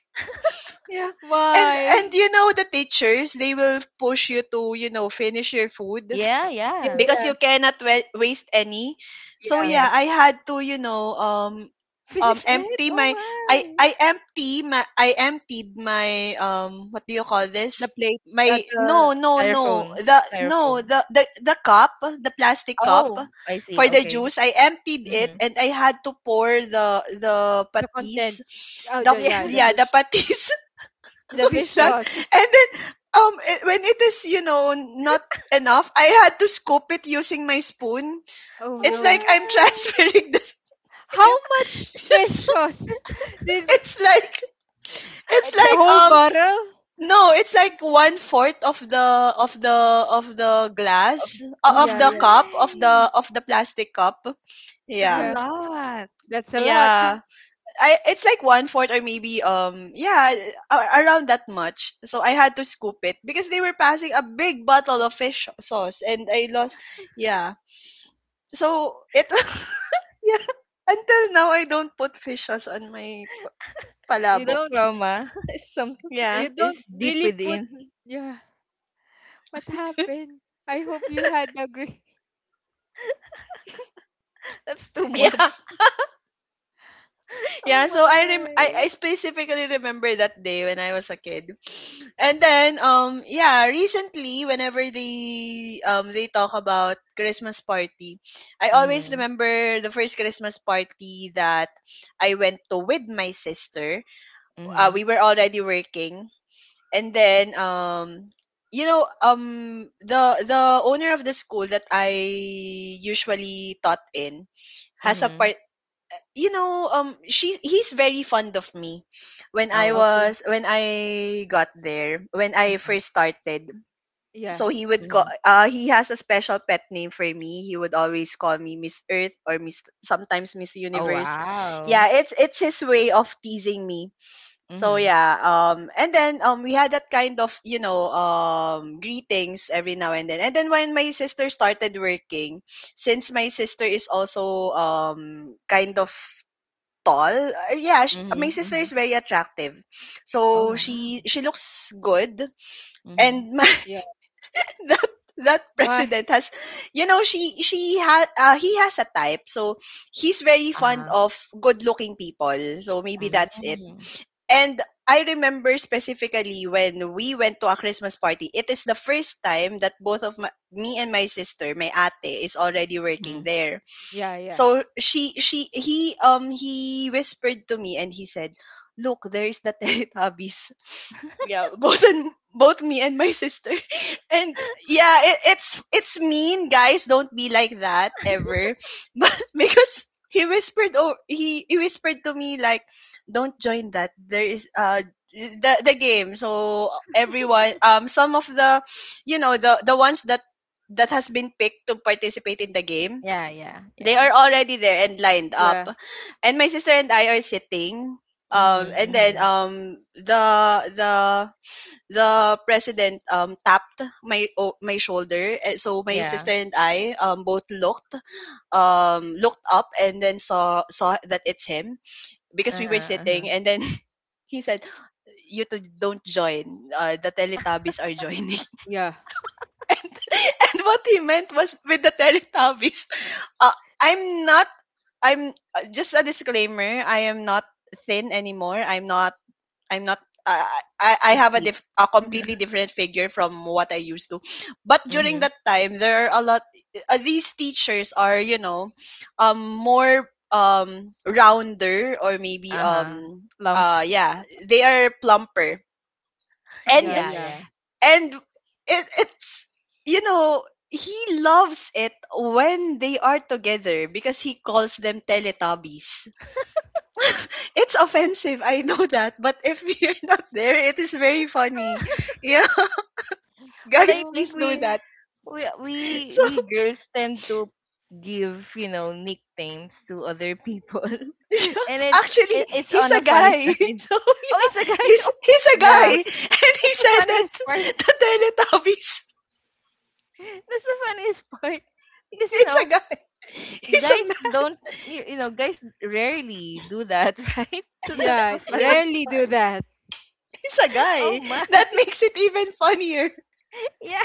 B: Yeah. And
C: why
B: and you know the teachers, they will push you to, you know, finish your food,
A: Yeah,
C: yeah
A: yeah.
C: yeah
B: because
C: yeah
B: you cannot waste any. So
C: Yeah.
B: yeah,
A: Yes.
B: I had to, you know,
A: Finish it?
B: empty my i
A: Oh
B: i empty my i emptied my, what do you call
C: The
B: this
C: plate
B: my
C: uh,
B: no
C: the
B: no
A: my.
B: no
A: Styrofoam.
B: the no
A: Styrofoam.
B: the the cup, the plastic cup
A: Oh, I see.
B: for the
A: Okay.
B: juice. I emptied it
A: Mm-hmm.
B: and I had to pour the
C: the
B: patis,
C: contents oh
B: the
C: the yeah
A: Yeah.
B: yeah, the patis,
A: The
C: the
A: fish
C: fish
A: sauce.
C: sauce.
B: that, and then when it is, you know, not enough, I had to scoop it using my spoon.
C: Oh
A: Oh
B: It's like
C: no.
B: I'm
A: my.
B: transferring the
C: How
B: yeah.
C: much fish
B: So
C: sauce? Did
B: it's like, it's
C: the
B: like,
C: whole bottle?
B: no it's like one fourth of the of the of the glass,
A: Oh
B: of
C: Yeah,
B: the
C: yeah,
B: cup,
A: my.
B: of the plastic cup.
A: That's a
B: Yeah.
C: yeah.
A: lot.
C: That's a lot.
B: Yeah, I, it's like one fourth or maybe, yeah, around that much. So I had to scoop it because they were passing a big bottle of fish sauce and I lost. Yeah. So it yeah, until now I don't put fish sauce on my
C: You
A: The
B: palabok.
C: don't
A: trauma is something
C: you
B: Yeah.
A: is
C: don't
A: deep
C: really put
A: within.
C: yeah. What happened? I hope you had a great.
A: That's too
B: Yeah.
A: much.
B: Yeah,
A: Oh
B: so I I
A: my.
B: specifically remember that day when I was a kid. And then yeah, recently whenever they talk about Christmas party, I always
A: Mm-hmm.
B: remember the first Christmas party that I went to with my sister.
A: Mm-hmm.
B: We were already working and then you know the owner of the school that I usually taught in has a
A: Mm-hmm.
B: part, you know, she he's very fond of me. When I
A: Always.
C: Okay.
B: was when I got there, when I
A: Mm-hmm.
B: first started,
C: Yeah.
B: so he would call.
A: Mm-hmm.
B: He has a special pet name for me. He would always call me Miss Earth or Miss, sometimes Miss
A: Oh,
B: Universe.
A: wow.
B: Yeah, it's his way of teasing me. So
A: Mhm.
B: yeah, and then we had that kind of, you know, greetings every now and then. And then when my sister started working, since my sister is also kind of tall. Yeah, sh my
A: Mhm,
B: sister
A: mhm.
B: is very attractive.
A: Oh,
B: So
A: wow.
B: she looks good,
A: Mhm.
B: and my,
C: Yeah.
B: that that
C: Why?
B: president has, you know, she has he has a type. So he's very fond
A: Uh-huh.
B: of good-looking people. So maybe
A: Mm.
B: that's it.
A: Mhm.
B: And I remember specifically when we went to a Christmas party. It is the first time that both of my, me and my sister, my ate, is already working
A: Mhm.
B: there,
C: Yeah, yeah.
B: so she he whispered to me and he said, look, there is the Teletubbies. Yeah, both, and both me and my sister and yeah it's mean, guys, don't be like that ever but because he whispered, oh, he whispered to me like, don't join that, there is the game. So everyone, some of the, you know, the ones that that has been picked to participate in the game,
A: Yeah, yeah,
B: they
A: yeah.
B: are already there and lined up.
C: Yeah.
B: And my sister and I are sitting,
A: Mhm,
B: and
A: mhm.
B: then the the the president tapped my my shoulder, and so my
A: Yeah.
B: sister and I both looked, looked up, and then saw that it's him, because
A: Uh-huh,
B: we were sitting,
A: uh-huh.
B: and then he said, you two don't join, the teletubbies are joining.
C: Yeah.
B: And what he meant was with the teletubbies. Uh, I'm not. I'm, just a disclaimer. I am not thin anymore. I'm not. I'm not. I I
A: Big
B: have a
A: teeth.
B: a completely different figure from what I used to. But during
A: Mhm.
B: that time, there are a lot. These teachers are, you know, more rounder, or maybe,
A: Uh-huh. Lump.
B: yeah, they are plumper, and
C: Yeah,
A: Yeah,
C: yeah.
A: yeah.
B: and it's, you know, he loves it when they are together because he calls them teletubbies. It's offensive, I know that, but if you're not there it is very funny. Yeah.
A: Well, I
B: Guys,
C: Oh
B: please
A: think
B: do
C: my.
B: that.
A: we we we
B: So
A: girls tend to give, you know, nicknames to other people.
B: yeah,
A: And it's
B: actually
A: it, it's
B: he's
A: on the
B: a
A: funny
B: guy.
A: side.
B: So
A: Oh,
B: yeah,
A: it's a guy.
B: he's he's a
A: Oh,
B: guy.
C: Yeah.
A: that's the,
B: And he
A: that's the
B: said that
A: funniest part.
B: the teletubbies.
A: That's the funniest part because you
B: He's
A: know
B: a guy. He's a
A: guys
B: man.
A: don't, you know guys rarely do that, right? So that's
C: Yeah.
A: the funniest
C: Rarely do
A: part.
C: that.
B: He's a
A: Oh
B: guy.
A: my,
B: That makes it even funnier.
A: yeah.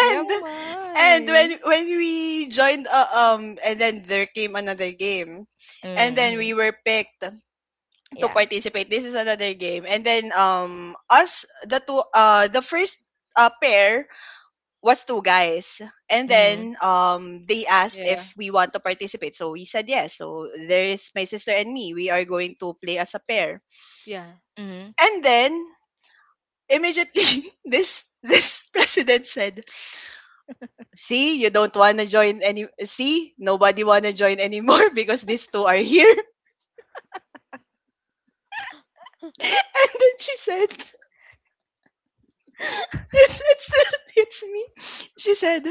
C: Yep.
A: Oh
B: and when
A: my.
B: we joined, and then there came another game, and then
A: Mm-hmm.
B: we were picked to
A: Yeah.
B: participate. This is another game, and then us, the two, the first, pair was two guys, and
A: Mm-hmm.
B: then they asked if
C: Yeah.
B: we want to participate, so we said yes. So there is my sister and me, we are going to play as a pair,
C: Yeah.
A: Mm-hmm.
B: and then immediately this president said, "See, you don't want to join any. See, nobody want to join anymore because these two are here." And then she said, it's, it's me. She said,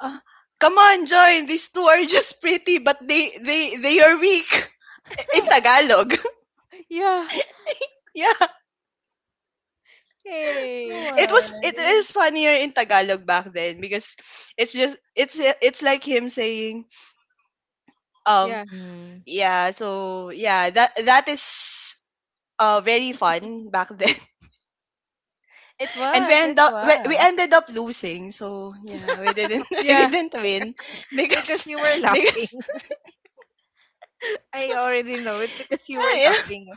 B: uh, come on, join. These two are just pretty, but they are weak. In Tagalog.
C: Yeah.
B: Yeah.
A: Oh
C: Hey.
B: It was, it
A: my.
B: is funnier in Tagalog back then, because it's just, it's like him saying, um,
C: Yeah.
A: Mm.
B: yeah, so, yeah, that is, very fun back then.
A: It
B: And we
A: was, it
B: end up we
A: was.
B: ended up losing, so yeah, we didn't we
C: Yeah.
B: didn't win,
A: Because you were
B: because because
A: laughing. I already know it because you were
B: ah, yeah,
A: laughing.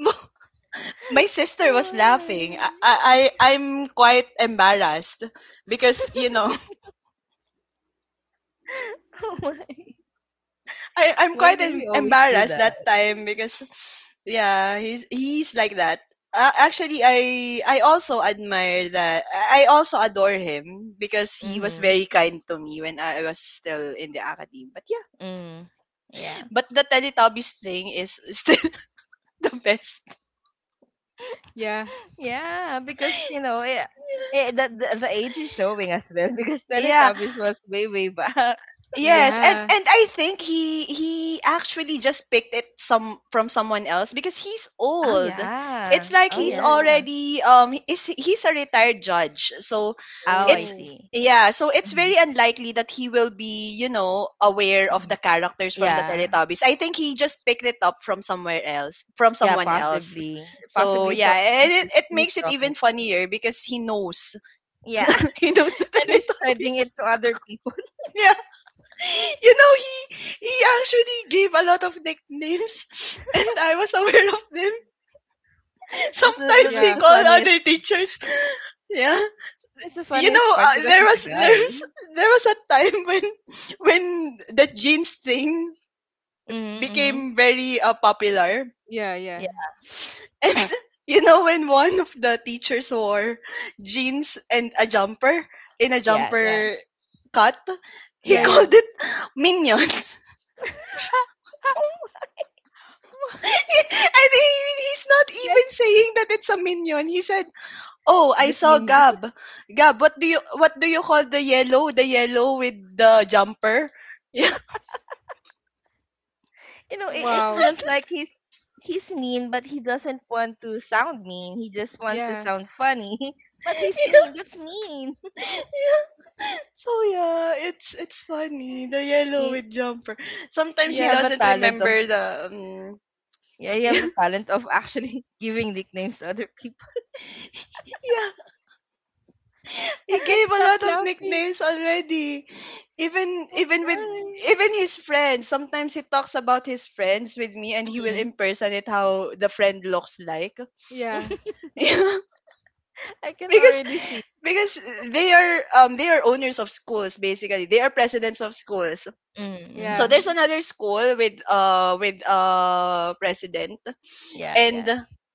B: mo- my sister was
A: Oh
B: laughing.
A: my.
B: I'm quite embarrassed because, you know,
A: Oh my.
B: I, I'm
A: Why
B: quite
A: do we always do
B: embarrassed that
A: that?
B: time because yeah he's like that. Uh, actually I also admire that I also adore him because he was
A: Mm-hmm.
B: very kind to me when I was still in the academy, but yeah,
A: Mm. Yeah.
B: but the Teletubbies thing is still the best.
C: Yeah.
A: Yeah, because you know, yeah, eh, the age is showing as well because
B: Yeah.
A: Teletubbies was way back.
B: Yes, and
C: Yeah.
B: and I think he actually just picked it some from someone else because he's
A: Oh
B: old.
A: yeah,
B: It's like
A: oh
B: he's
C: Oh.
A: yeah.
B: already is he's a retired judge. So
A: Oh, I
B: it's,
C: Oh.
A: see.
B: yeah, so it's
A: Mhm.
B: very unlikely that he will be, you know, aware of the
A: Mm,
B: characters from the
A: yeah,
B: Teletubbies. I think he just picked it up from somewhere else, from
A: yeah,
C: Yeah,
B: someone
C: yeah,
B: else.
A: possibly,
B: So
C: yeah,
A: possibly
B: yeah, and
A: someone he's,
B: it
A: he's
B: makes it
A: talking
B: even
A: to.
B: funnier because he knows.
A: Yeah,
B: He knows the
A: and he's spreading
B: Teletubbies.
A: it to other people.
B: Yeah. You know, he actually gave a lot of nicknames and I was aware of them. Sometimes
A: That's
B: he
C: yeah,
A: the
B: called
A: funniest.
B: other teachers. Yeah.
A: That's the
B: You
A: funniest
B: know,
A: part because he's a guy.
B: there was a time when when the jeans thing
A: Mm-hmm, mm-hmm.
B: became very, popular.
C: yeah, yeah,
A: Yeah,
B: And you know when one of the teachers wore jeans and a jumper in a
A: yeah, yeah,
B: jumper cut, he
C: yeah,
A: yeah.
C: yeah.
B: called it minion.
A: Oh,
B: And he's not even
C: That's
B: saying that it's a minion. He said, "Oh, I
A: just
B: saw
A: minions.
B: Gab. Gab, what do you call the yellow? The yellow with the jumper." Yeah.
A: You know, it
C: wow.
A: feels like he's mean, but he doesn't want to sound mean. He just wants to
C: Yeah,
A: sound funny, but he's mean. That's mean.
B: Yeah. So yeah, it's funny. The yellow
A: He
B: with jumper. Sometimes
A: he
B: he
C: yeah.
A: have a
B: doesn't
A: talent of,
B: remember the um,
A: yeah, he have
B: yeah.
A: the talent of actually giving nicknames to other people.
B: Yeah. He
C: I can't
B: gave a
C: stop
B: lot of
C: laughing.
B: nicknames already. Even even with even his friends. Sometimes he talks about his friends with me and he will
A: Mhm.
B: impersonate how the friend looks like.
C: Yeah,
B: Yeah.
A: I can
B: because
A: already see.
B: because they are they are owners of schools basically. They are presidents of schools. So
C: yeah,
B: there's
A: Mm-hmm.
B: another school with president
A: Yeah,
B: and
A: yeah.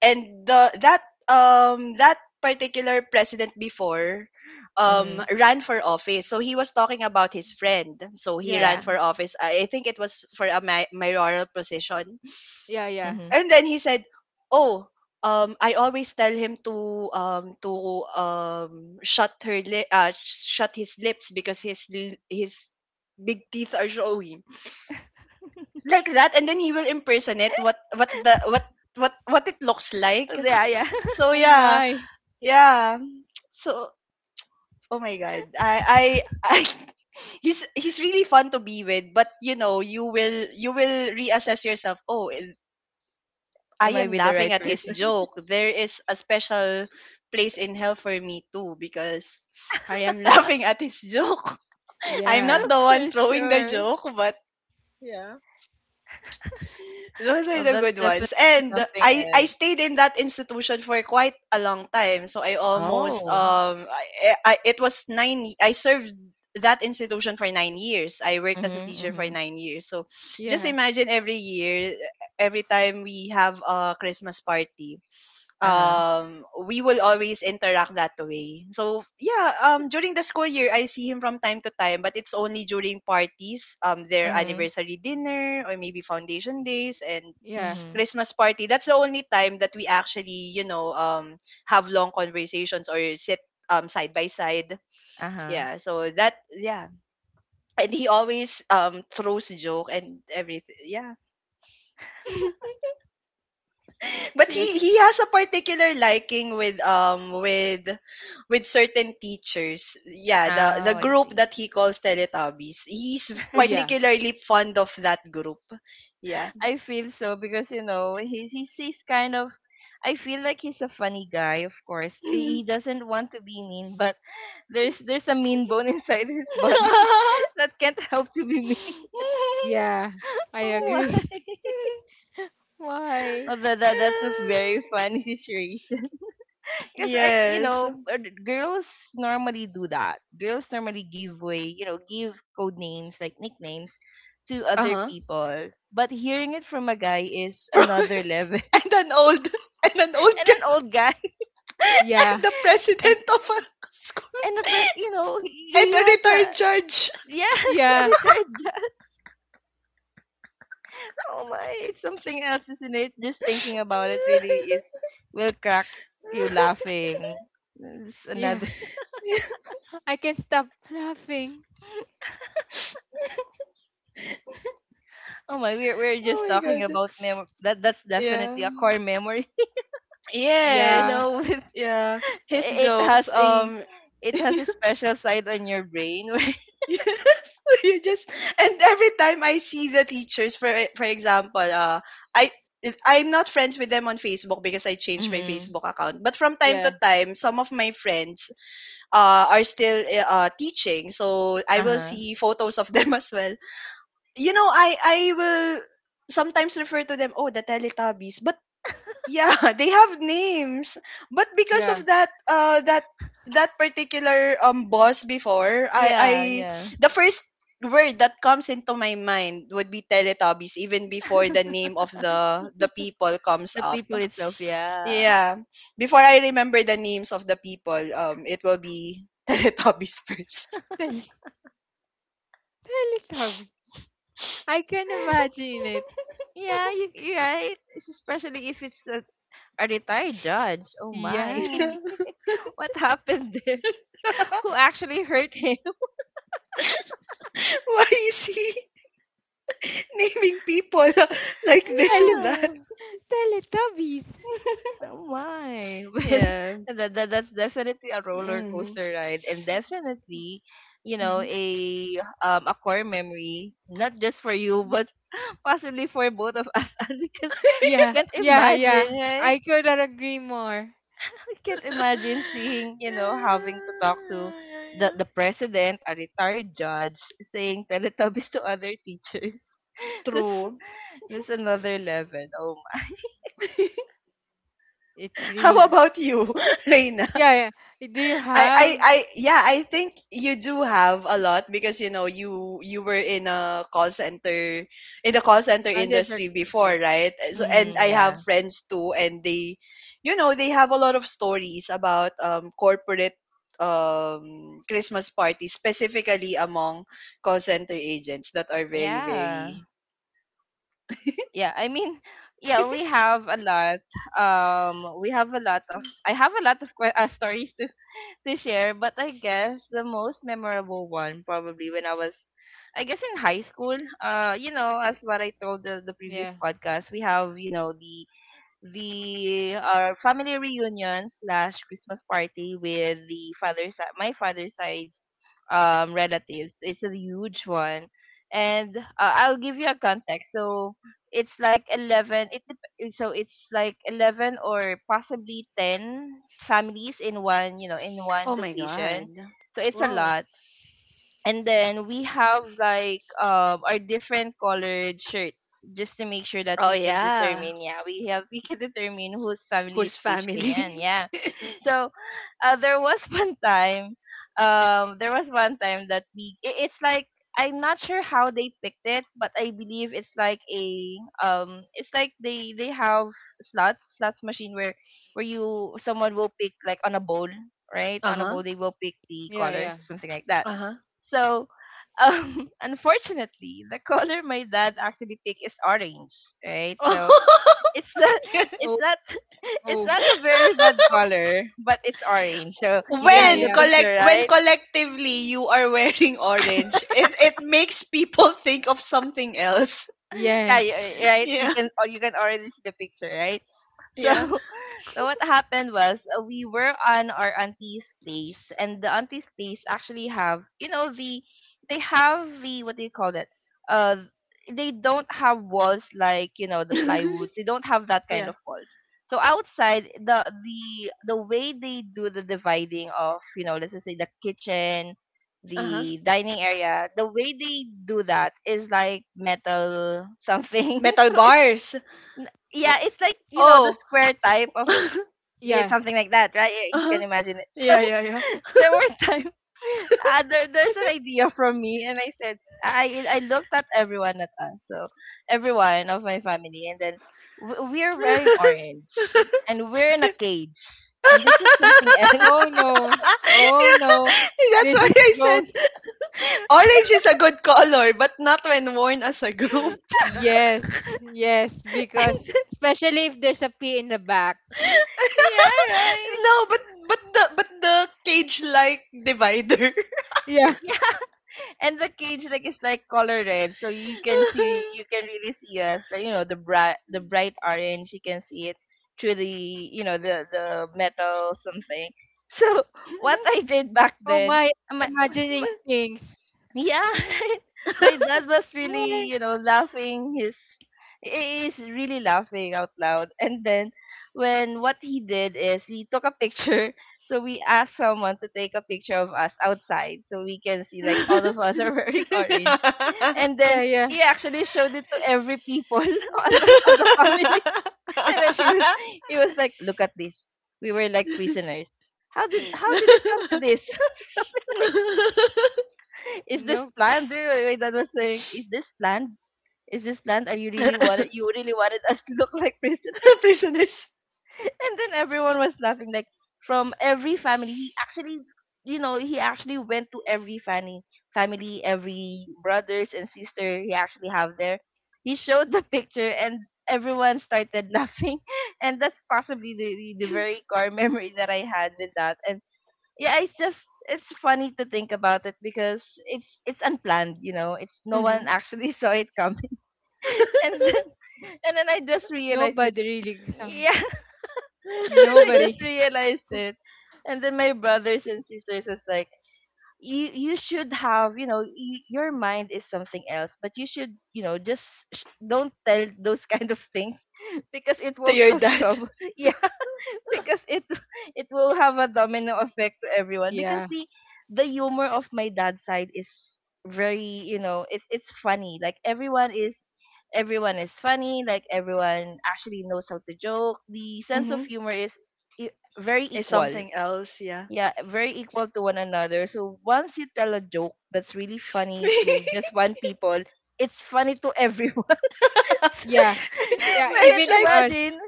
B: and the that particular president before
A: Mm-hmm.
B: ran for office, so he was talking about his friend. So he
C: yeah,
B: ran for
A: Yeah.
B: office. I think it was for a mayoral position.
C: yeah, yeah.
A: Mm-hmm.
B: And then he said, "Oh, I always tell him to um to um shut his lips because his big teeth are showing like that." And then he will impersonate what the what it looks like.
A: Yeah, yeah.
B: So
C: Oh
B: yeah,
C: my.
B: yeah. So oh my god, I, he's really fun to be with, but you know you will reassess yourself. Oh, I
A: Am I
B: am
A: with the
B: laughing
A: right
B: at his
A: person?
B: joke. There is a special place in hell for me too because I am laughing at his joke. I'm
C: Yeah,
B: not the one
A: For
B: throwing the
A: sure.
B: joke, but yeah. Those are
A: Well,
B: the
A: that's
B: good ones.
A: definitely
B: And
A: something
B: I
A: else.
B: stayed in that institution for quite a long time. So I almost
A: Oh.
B: I, it was I served that institution for 9 years. I worked as a
A: Mm-hmm.
B: teacher for
A: Mm-hmm.
B: 9 years. So just
C: yeah,
B: imagine every year every time we have a Christmas party we will always interact that way. So yeah, during the school year I see him from time to time, but it's only during parties, their
A: Uh-huh.
B: anniversary dinner, or maybe foundation days and
C: yeah.
A: Mm-hmm.
B: Christmas party. That's the only time that we actually, you know, have long conversations or sit side by side.
A: Uh-huh.
B: Yeah, so that yeah, and he always throws joke and everything. Yeah, but
C: That.
B: he
A: She
B: he has a particular liking with with certain teachers. Yeah, the
A: Oh,
B: the
A: I
B: group
A: see.
B: that he calls Teletubbies. He's
C: Oh yeah,
B: particularly fond of that group. Yeah.
A: I feel so because you know he's kind of, I feel like he's a funny guy. Of course, he doesn't want to be mean, but there's a mean bone inside his body that can't help to be mean.
C: yeah. I
A: Oh
C: agree.
A: my!
C: Why?
A: Oh, that that's a very funny situation. Because I, you
B: yes.
A: know, girls normally do that. Girls normally give way, you know, give code names like nicknames to other
B: Uh-huh.
A: people. But hearing it from a guy is another level.
B: and an old, and an old
A: And
B: guy,
A: an old guy,
B: and
C: Yeah,
B: the
A: and
B: president of a school,
A: you know,
B: and
A: he
B: a
A: has a,
B: retired judge.
A: yes, a
C: yeah,
A: retired judge. Oh my, it's something else, isn't it? Just thinking about it really is will crack you laughing. It's another.
C: yeah.
B: Yeah.
C: I can't stop laughing.
A: Oh my, we're
B: Oh
A: just
B: my
A: talking
B: god.
A: about mem that that's
B: Yeah.
A: definitely a core memory, you
C: Yeah,
B: Yes.
A: know, with,
B: Yeah. His
A: it
B: jokes.
A: has a it has a special side on your brain where
B: Yes, you just and every time I see the teachers, for example, I, I'm not friends with them on Facebook because I changed my
A: mm,
B: Facebook account. But from time to
C: yeah,
B: time, some of my friends are still teaching, so I will
A: uh-huh.
B: see photos of them as well. You know, I will sometimes refer to them, oh, the Teletubbies, but yeah, they have names, but because of
C: yeah.
B: that that particular boss before, I
A: Yeah, yeah.
B: the first word that comes into my mind would be Teletubbies, even before the name of the people comes
A: The
B: up.
A: people itself, yeah.
B: Yeah, before I remember the names of the people, it will be teletubbies first.
C: Tell, tell it, Tommy. I can imagine it.
A: Yeah, you you're right. It's especially if it's a retired judge. Oh my.
C: Yeah.
A: What happened there? Who actually hurt him?
B: why is he naming people like this and
C: Tele-
B: that?
A: Yeah.
C: Teletubbies.
A: Oh my.
B: Yeah.
A: Well, that that's definitely a roller
B: Hmm.
A: coaster ride and definitely, you know, a core memory, not just for you, but possibly for both of us because we
C: Yeah,
A: can't
C: yeah, yeah.
A: imagine, right?
C: I could not agree more.
A: We can't imagine seeing, you
B: Yeah,
A: know, having to talk to
B: yeah,
A: the
B: yeah.
A: the president, a retired judge, saying Teletubbies to other teachers. That's
B: True.
A: that's another level. Oh my.
C: It's
B: How
C: really
B: about you, Reina?
C: yeah, yeah. Do you have
B: Yeah, I think you do have a lot, because you know you were in a call center in the call center
C: a center
B: industry before,
C: street?
B: right? So, and
A: Mm,
B: I have
A: yeah.
B: friends too, and they, you know, they have a lot of stories about corporate Christmas parties, specifically among call center agents that are very,
A: Yeah.
B: very.
A: Yeah, I mean, yeah, we have a lot. um we have a lot of, I have a lot of stories to to share, but I guess the most memorable one probably when I was, I guess in high school. You know, as what I told the previous
C: Yeah.
A: podcast, we have, you know, the our family reunion slash Christmas party with the father side, my father's side's relatives. It's a huge one, and I'll give you a context. So it's like 11. So it's like 11 or possibly 10 families in one, you know, in one
B: Oh my God.
A: location. So it's a
C: Wow.
A: lot. And then we have like our different colored shirts just to make sure that
B: Oh,
A: we can
B: yeah.
A: determine, yeah, we can determine whose family
B: Whose
A: is page ganyan,
B: family?
A: yeah. So there was one time, there was one time that it's like, I'm not sure how they picked it, but I believe it's like a, it's like they have slots machine where you someone will pick like on a bowl, right, on a
B: Uh-huh.
A: bowl. They will pick the
C: Yeah,
A: colors,
C: yeah.
A: something like that.
B: Uh-huh.
A: So, unfortunately, the color my dad actually picked is orange, right? So it's not,
B: Yeah.
A: it's
C: Oh,
A: not, it's
C: oh,
A: not a very bad
C: oh.
A: color, but it's orange. So you can
C: Yeah,
A: see
B: When
A: the
C: yeah.
B: collect
A: picture,
B: when
A: right?
B: collectively you are wearing orange, it makes people think of something else.
A: Yeah,
C: Yes.
A: right. You
B: Yeah.
A: can, or you can already see the picture, right? So,
B: Yeah.
A: so what happened was, we were on our auntie's place, and the auntie's place actually have, you know, they have, the what do you call that? Uh, they don't have walls like, you know, the plywoods. They don't have that kind
B: yeah.
A: of walls. So outside the way they do the dividing of, you know, let's just say the kitchen,
B: Uh-huh.
A: the dining area, the way they do that is like metal something.
B: Metal
A: So
B: bars.
A: n-
C: Oh,
A: yeah, it's like, you know, the
B: Oh.
A: square type of, yeah,
C: yeah.
A: something like that, right? Yeah, you
B: uh-huh.
A: can imagine it.
B: Yeah, yeah, yeah.
A: So there were times, there's an idea from me, and I said I looked at everyone at us, so everyone of my family, and then we're wearing orange, and we're in a cage, and this is something else.
C: Oh no. Oh no.
B: yeah. That's
C: This
B: why
C: is
B: I said
C: going.
B: orange is a good color, but not when worn as a group.
C: Yes, yes. Because
A: And
C: especially if there's a P in the back.
A: yeah, right.
B: No, but but the cage like divider.
C: Yeah.
A: Yeah. And the cage like is like color red, so you can see, you can really see us. Like, you know, the bright, the bright orange. You can see it through the, you know, the metal something. So what I did back
C: Oh
A: then,
C: my.
A: I'm like,
C: Imagining things.
A: yeah, my dad was
C: Oh my.
A: really, you know, laughing his, he is really laughing out loud. And then when what he did is we took a picture. So we asked someone to take a picture of us outside so we can see like all of us are wearing orange. And
C: Yeah,
A: then
C: yeah.
A: he actually showed it to every people on the family. And then she was he was like, look at this. We were like prisoners. How did it come to this? Is this
C: No,
A: planned? Wait, wait, wait, that was saying, Is this planned? Is this planned? Are you really wanted? You really wanted us to look like prison?
B: Prisoners.
A: And then everyone was laughing, like from every family. He actually, you know, he actually went to every family, family, every brothers and sister he actually have there. He showed the picture, and everyone started laughing, and that's possibly the very core memory that I had with that. And yeah, it's just, it's funny to think about it because it's unplanned, you know. It's no
B: Hmm.
A: one actually saw it coming. And then, and then I just realized it
C: nobody really. Some
A: yeah, and then I just
C: nobody.
A: realized it. And then my brothers and sisters was like, you should have, you know, your mind is something else, but you should, you know, just don't tell those kind of things, because it
B: To
A: will
B: your
A: cause
B: dad.
A: trouble. Yeah, because it will have a domino effect to everyone, because
C: Yeah,
A: the humor of my dad's side is very, you know, it's funny, like everyone is funny, like everyone actually knows how to joke. The sense
B: Hmm.
A: of humor is very
B: Is
A: equal,
B: something else, yeah.
A: yeah, very equal to one another. So once you tell a joke that's really funny to just one people, it's funny to everyone. So
B: it's
C: yeah, yeah.
A: you can
C: Even to
B: like
C: us.
A: imagine.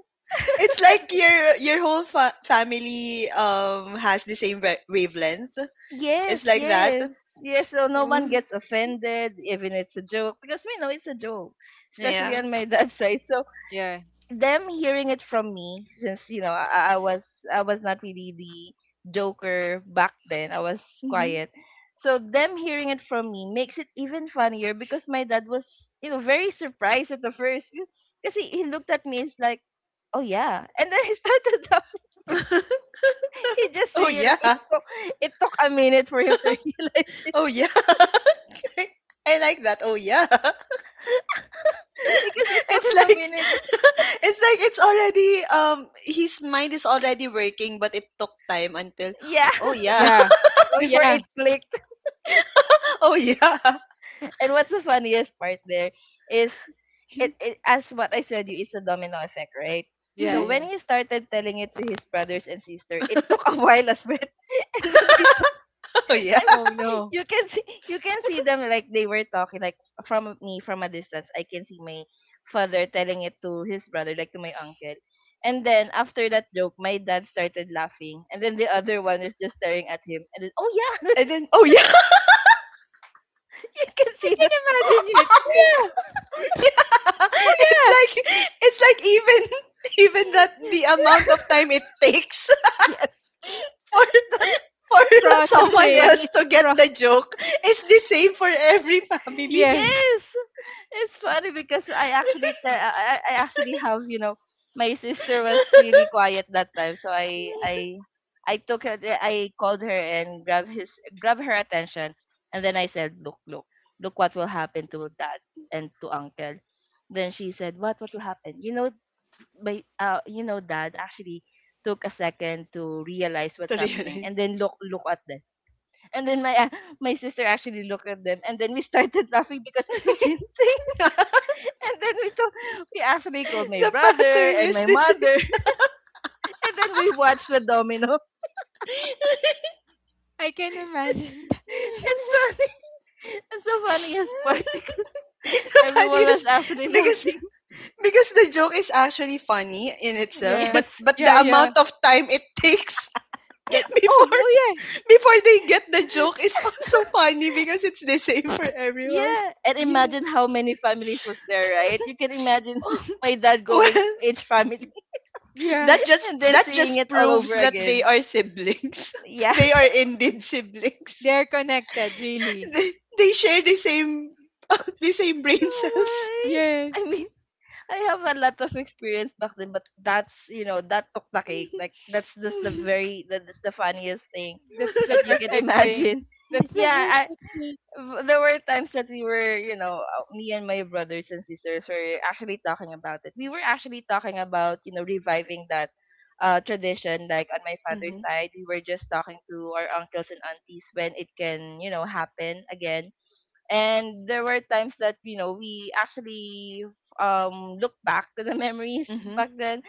B: it's like your whole family has the same wavelength. It's
A: Yes,
B: like that.
A: yes, yes. So no
B: Mm,
A: one gets offended, even it's a joke, because we know it's a joke, especially
B: yeah.
A: on my dad's side. So
C: Yeah,
A: them hearing it from me, since you know I was, I was not really the joker back then. I was
B: Hmm.
A: quiet. So them hearing it from me makes it even funnier because my dad was, you know, very surprised at the first, because he looked at me. It's like, oh yeah, and then he started laughing. He just
B: oh
A: realized. It
B: yeah.
A: took, it took a minute for him to realize
B: Oh yeah. I like that. Oh yeah.
A: because it took
B: It's
A: him a
B: like
A: minute.
B: it's like it's already his mind is already working but it took time until
A: Yeah,
B: oh yeah.
C: yeah. Oh
A: before
C: yeah,
A: it clicked.
B: Oh yeah.
A: And what's the funniest part there is, it, as what I said, you, it's a domino effect, right?
C: yeah,
A: So
B: Mhm.
A: when
C: yeah.
A: he started telling it to his brothers and sister, it took a while as well. And then this
B: Oh yeah.
A: time
C: Oh no,
A: you can see them, like they were talking, like from me from a distance. I can see my father telling it to his brother, like to my uncle. And then after that joke, my dad started laughing, and then the
C: yeah,
A: other one is just staring at him, and then oh yeah.
B: And then oh yeah.
A: You can
C: I
A: see
C: can
A: the
C: imagine it. Yeah,
B: it's
C: yeah.
B: like it's like even even that the amount of time it takes
A: yes,
B: for
A: that's
B: for
A: that's what is
B: someone
C: Processing.
B: else
A: funny.
B: to get
C: Pro.
B: the joke is the same for every family
C: Yes,
A: Yes, it's funny because I actually have. My sister was really quiet that time, so I took her, I called her and grab her attention. And then I said, "Look, look what will happen to dad and to uncle." Then she said, "What, will happen. My dad actually took a second to realize what's
B: to
A: happening, and
B: realize.
A: then look at them." And then my my sister actually looked at them, and then we started laughing because it's the same thing. And then we actually called my
B: The
A: brother
B: pattern
A: and
B: is
A: my
B: the same.
A: mother, and then we watched the domino.
C: I can imagine. That.
A: It's funny. It's the funniest part because
B: the
A: everyone was
B: funniest,
A: actually
B: because
A: laughing.
B: because the joke is actually funny in itself,
C: Yeah,
A: Yes.
B: but the
C: yeah, yeah.
B: amount of time it takes
C: That. Oh,
B: before
C: oh yeah,
B: before they get the joke is also funny because it's the same for everyone.
A: Yeah. And
C: yeah,
A: imagine how many families was there, right? You can imagine my dad going
B: well,
A: to each family
C: yeah.
A: and then
B: that
A: seeing
B: just
A: it all
B: proves
A: over
B: that they
A: again.
B: are siblings.
A: Yeah.
B: they are indeed siblings.
C: They're connected, really.
B: They, they share the same, the same brain
A: Oh
B: cells.
A: my. I
C: Yes,
A: mean, I have a lot of experience back then, but that's you know that took the cake. Like that's just the very that's the funniest thing
C: that's the
A: that you can
C: perfect thing.
A: imagine.
C: That's the
A: Yeah,
C: perfect thing.
A: there were times that we were me and my brothers and sisters were actually talking about it. We were actually talking about reviving that tradition. Like on my father's
B: Mhm.
A: side, we were just talking to our uncles and aunties when it can happen again. And there were times that we actually look back to the memories
B: Mhm.
A: back then.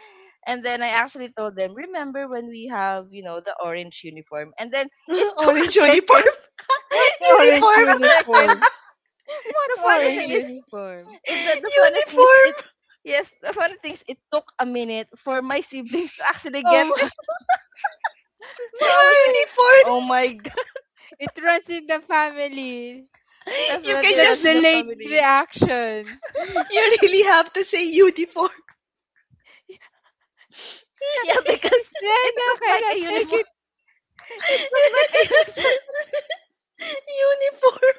A: And then I actually told them, "Remember when we have the orange uniform?" And then it took a
B: Orange
A: second.
B: uniform.
C: What
A: and then it
C: orange
A: took
B: uniform.
A: a second
C: uniform? What
A: the funny
C: orange
A: thing is
C: uniform?
A: the funny thing is it
B: uniform.
A: yes, the funny thing is it took a minute for my siblings to actually get
C: Oh,
A: it. So I was like,
C: why?
B: Uniform.
A: "Oh my god."
C: It runs in the family.
B: You can
A: Definitely
C: The
A: runs in
B: just,
A: the
C: delayed
A: family.
C: reaction.
B: you really have to say uniform.
A: Yeah, because it
C: Rena
A: looked like
C: cannot
A: a
C: take
A: uniform.
C: it.
A: It looked like a uniform.
B: uniform.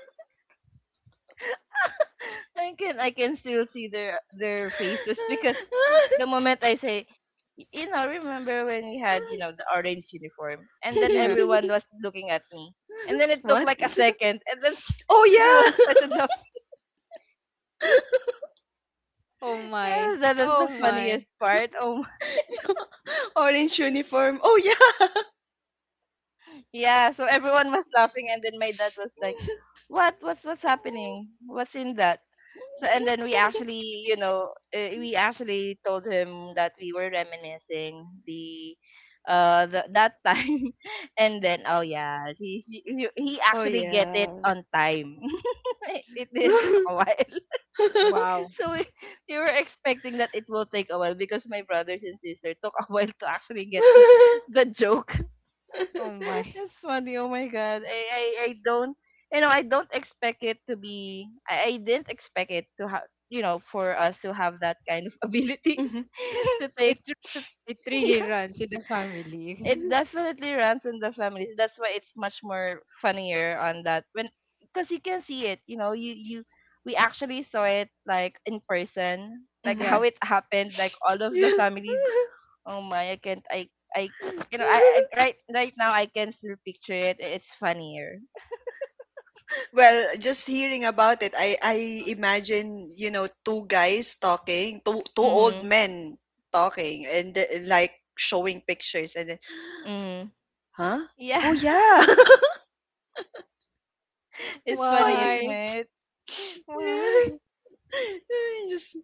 A: I can still see their faces because the moment I say, "Y- you know, remember when we had the orange uniform?" And then
C: Yeah.
A: everyone was looking at me, and then it took
B: what?
A: like a second, and then
B: Oh
A: everyone
B: yeah.
A: started laughing.
C: Oh
A: Yeah,
C: my.
A: that is
C: Oh
A: the
C: my.
A: funniest part. Oh.
B: Orange uniform. Oh yeah.
A: Yeah, so everyone was laughing, and then my dad was like, "What? What's happening? What's in that?" So and then we actually, we actually told him that we were reminiscing that time, and then oh yeah, he
B: Oh
A: actually get it
B: yeah.
A: on time. It didn't took a while.
C: Wow.
A: So we were expecting that it will take a while because my brothers and sister took a while to actually get the joke.
C: Oh my.
A: That's funny. Oh my god. I don't I don't expect it to be I didn't expect it to have, you know, for us to have that kind of ability
B: Mhm.
A: to take
C: It's
A: to,
C: it really
A: yeah.
C: runs in the
A: It
C: family.
A: definitely runs in the families. That's why it's much more funnier on that when because you can see it, you know, you we actually saw it like in person, like
B: Mhm.
A: how
C: yeah.
A: it happened, like all of the
B: Yeah.
A: family. Oh my, I can't. I You know, I right now I can still picture it. It's funnier.
B: Well, just hearing about it, I imagine, you know, two guys talking, two two old
A: Mhm.
B: men talking and like showing pictures and then,
A: Mhm.
B: huh? Oh
A: Yeah.
B: yeah.
A: It's
B: It's
A: funny,
B: funny.
A: isn't
C: Why?
A: it?
B: Yeah.
C: Why?
B: Just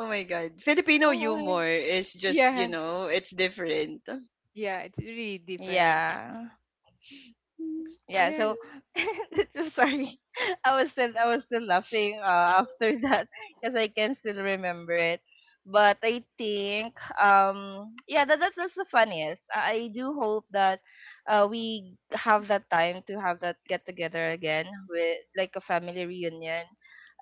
B: oh my God. Filipino
C: Oh my.
B: humor is just, you
C: Yeah.
B: know, it's different.
C: Yeah. It's really different.
A: Yeah. Yeah,
C: Yeah.
A: so so sorry, I was still laughing after that because I can still remember it. But I think yeah, that's the funniest. I do hope that we have that time to have that get together again, with like a family reunion,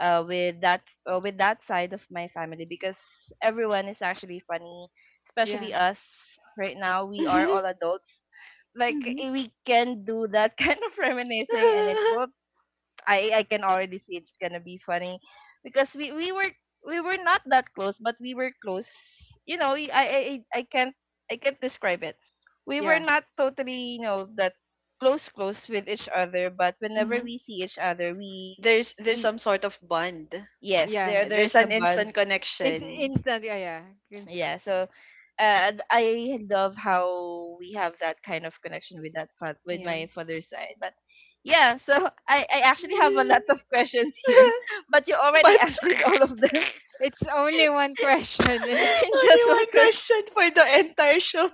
A: with that side of my family, because everyone is actually funny,
C: Yeah.
A: especially us. Right now we are
B: Mhm.
A: all adults, like eh, we can do that kind of reminiscing, and it will, I can already see it's gonna be funny, because we were not that close, but we were close. You know, I can't, I can't describe it. We were
C: Yeah.
A: not totally, you know, that close with each other, but whenever
B: Mhm.
A: we see each other, we
B: There's
A: we
B: some sort of bond.
A: yes,
C: Yeah.
A: there
B: Yeah,
A: there is
B: there's
A: a
B: an
A: bond.
B: instant
C: It's
B: connection.
C: instant. Yeah. Yeah.
A: Yeah, so I love how we have that kind of connection with that with
B: Yeah.
A: my father's side, but yeah, so I actually have a lot of questions here but you already
B: but
A: answered all of them
C: It's only one question and
A: in
B: only
A: just one
B: one
A: question.
B: question for the entire show.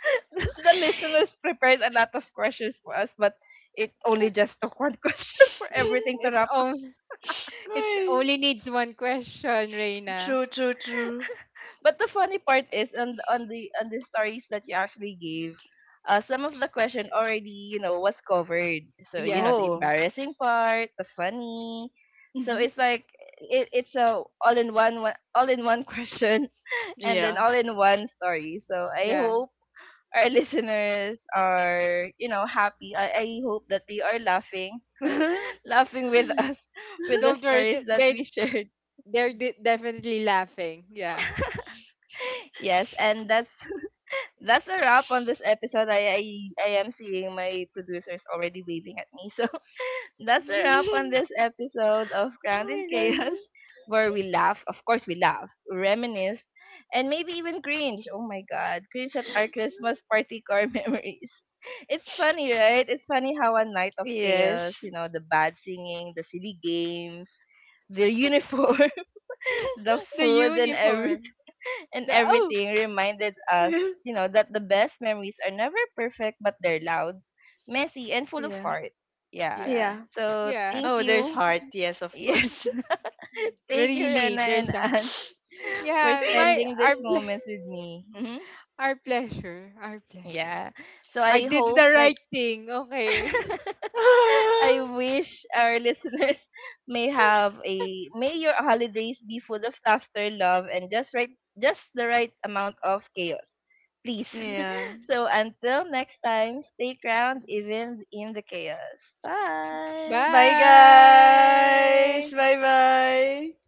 A: The listeners prepared a lot of questions for us, but it only just took one question for everything to
C: it
A: wrap.
C: only it
B: Ay.
C: only needs one question, Reina.
B: True, true, true.
A: But the funny part is on the stories that you actually gave, some of the question already, you know, was covered, so you know,
C: Yeah,
A: the
B: Oh.
A: embarrassing part, the funny, so
B: Hmm.
A: it's like it's a all in one, all in one question and then
B: Yeah.
A: all in one story. So I
C: yeah.
A: hope our listeners are, you know, happy. I hope that they are laughing,
B: oh
A: laughing with us with the
C: Don't worry,
A: stories that we
C: they
A: shared.
C: definitely laughing. Yeah.
A: Yes, and that's a wrap on this episode. I am seeing my producers already waving at me. So that's a wrap on this episode of Crowned in
B: my god.
A: Chaos, where we laugh. Of course, we laugh, reminisce, and maybe even cringe. Oh my God, cringe at our Christmas party car memories. It's funny, right? It's funny how a night of chaos,
B: Yes.
A: you know, the bad singing, the silly games, the uniform, the
C: The
A: food,
C: uniform.
A: and
C: The oh,
A: everything reminded us, you know, that the best memories are never perfect, but they're loud, messy, and full of
B: yeah.
A: heart. Yeah.
C: yeah.
B: Yeah.
A: So
C: Yeah.
A: thank
B: Oh, there's
A: you.
B: heart. Yes, of
A: Yes.
B: course.
A: Thank you, Rena
C: Really,
A: and
C: there's a hunt.
A: Anne, for
C: Yeah, my
A: spending
C: our
A: these moments with me. Hmm.
C: our pleasure, our pleasure.
A: Yeah. So
C: I
A: I
C: did
A: hope,
C: the
A: like,
C: right thing. Okay.
A: I wish our listeners, may have a may your holidays be full of laughter, love, and just the right amount of chaos. Please.
B: yeah.
A: So until next time, stay ground even in the chaos. Bye.
B: Bye, guys.
C: Bye.
B: Bye bye.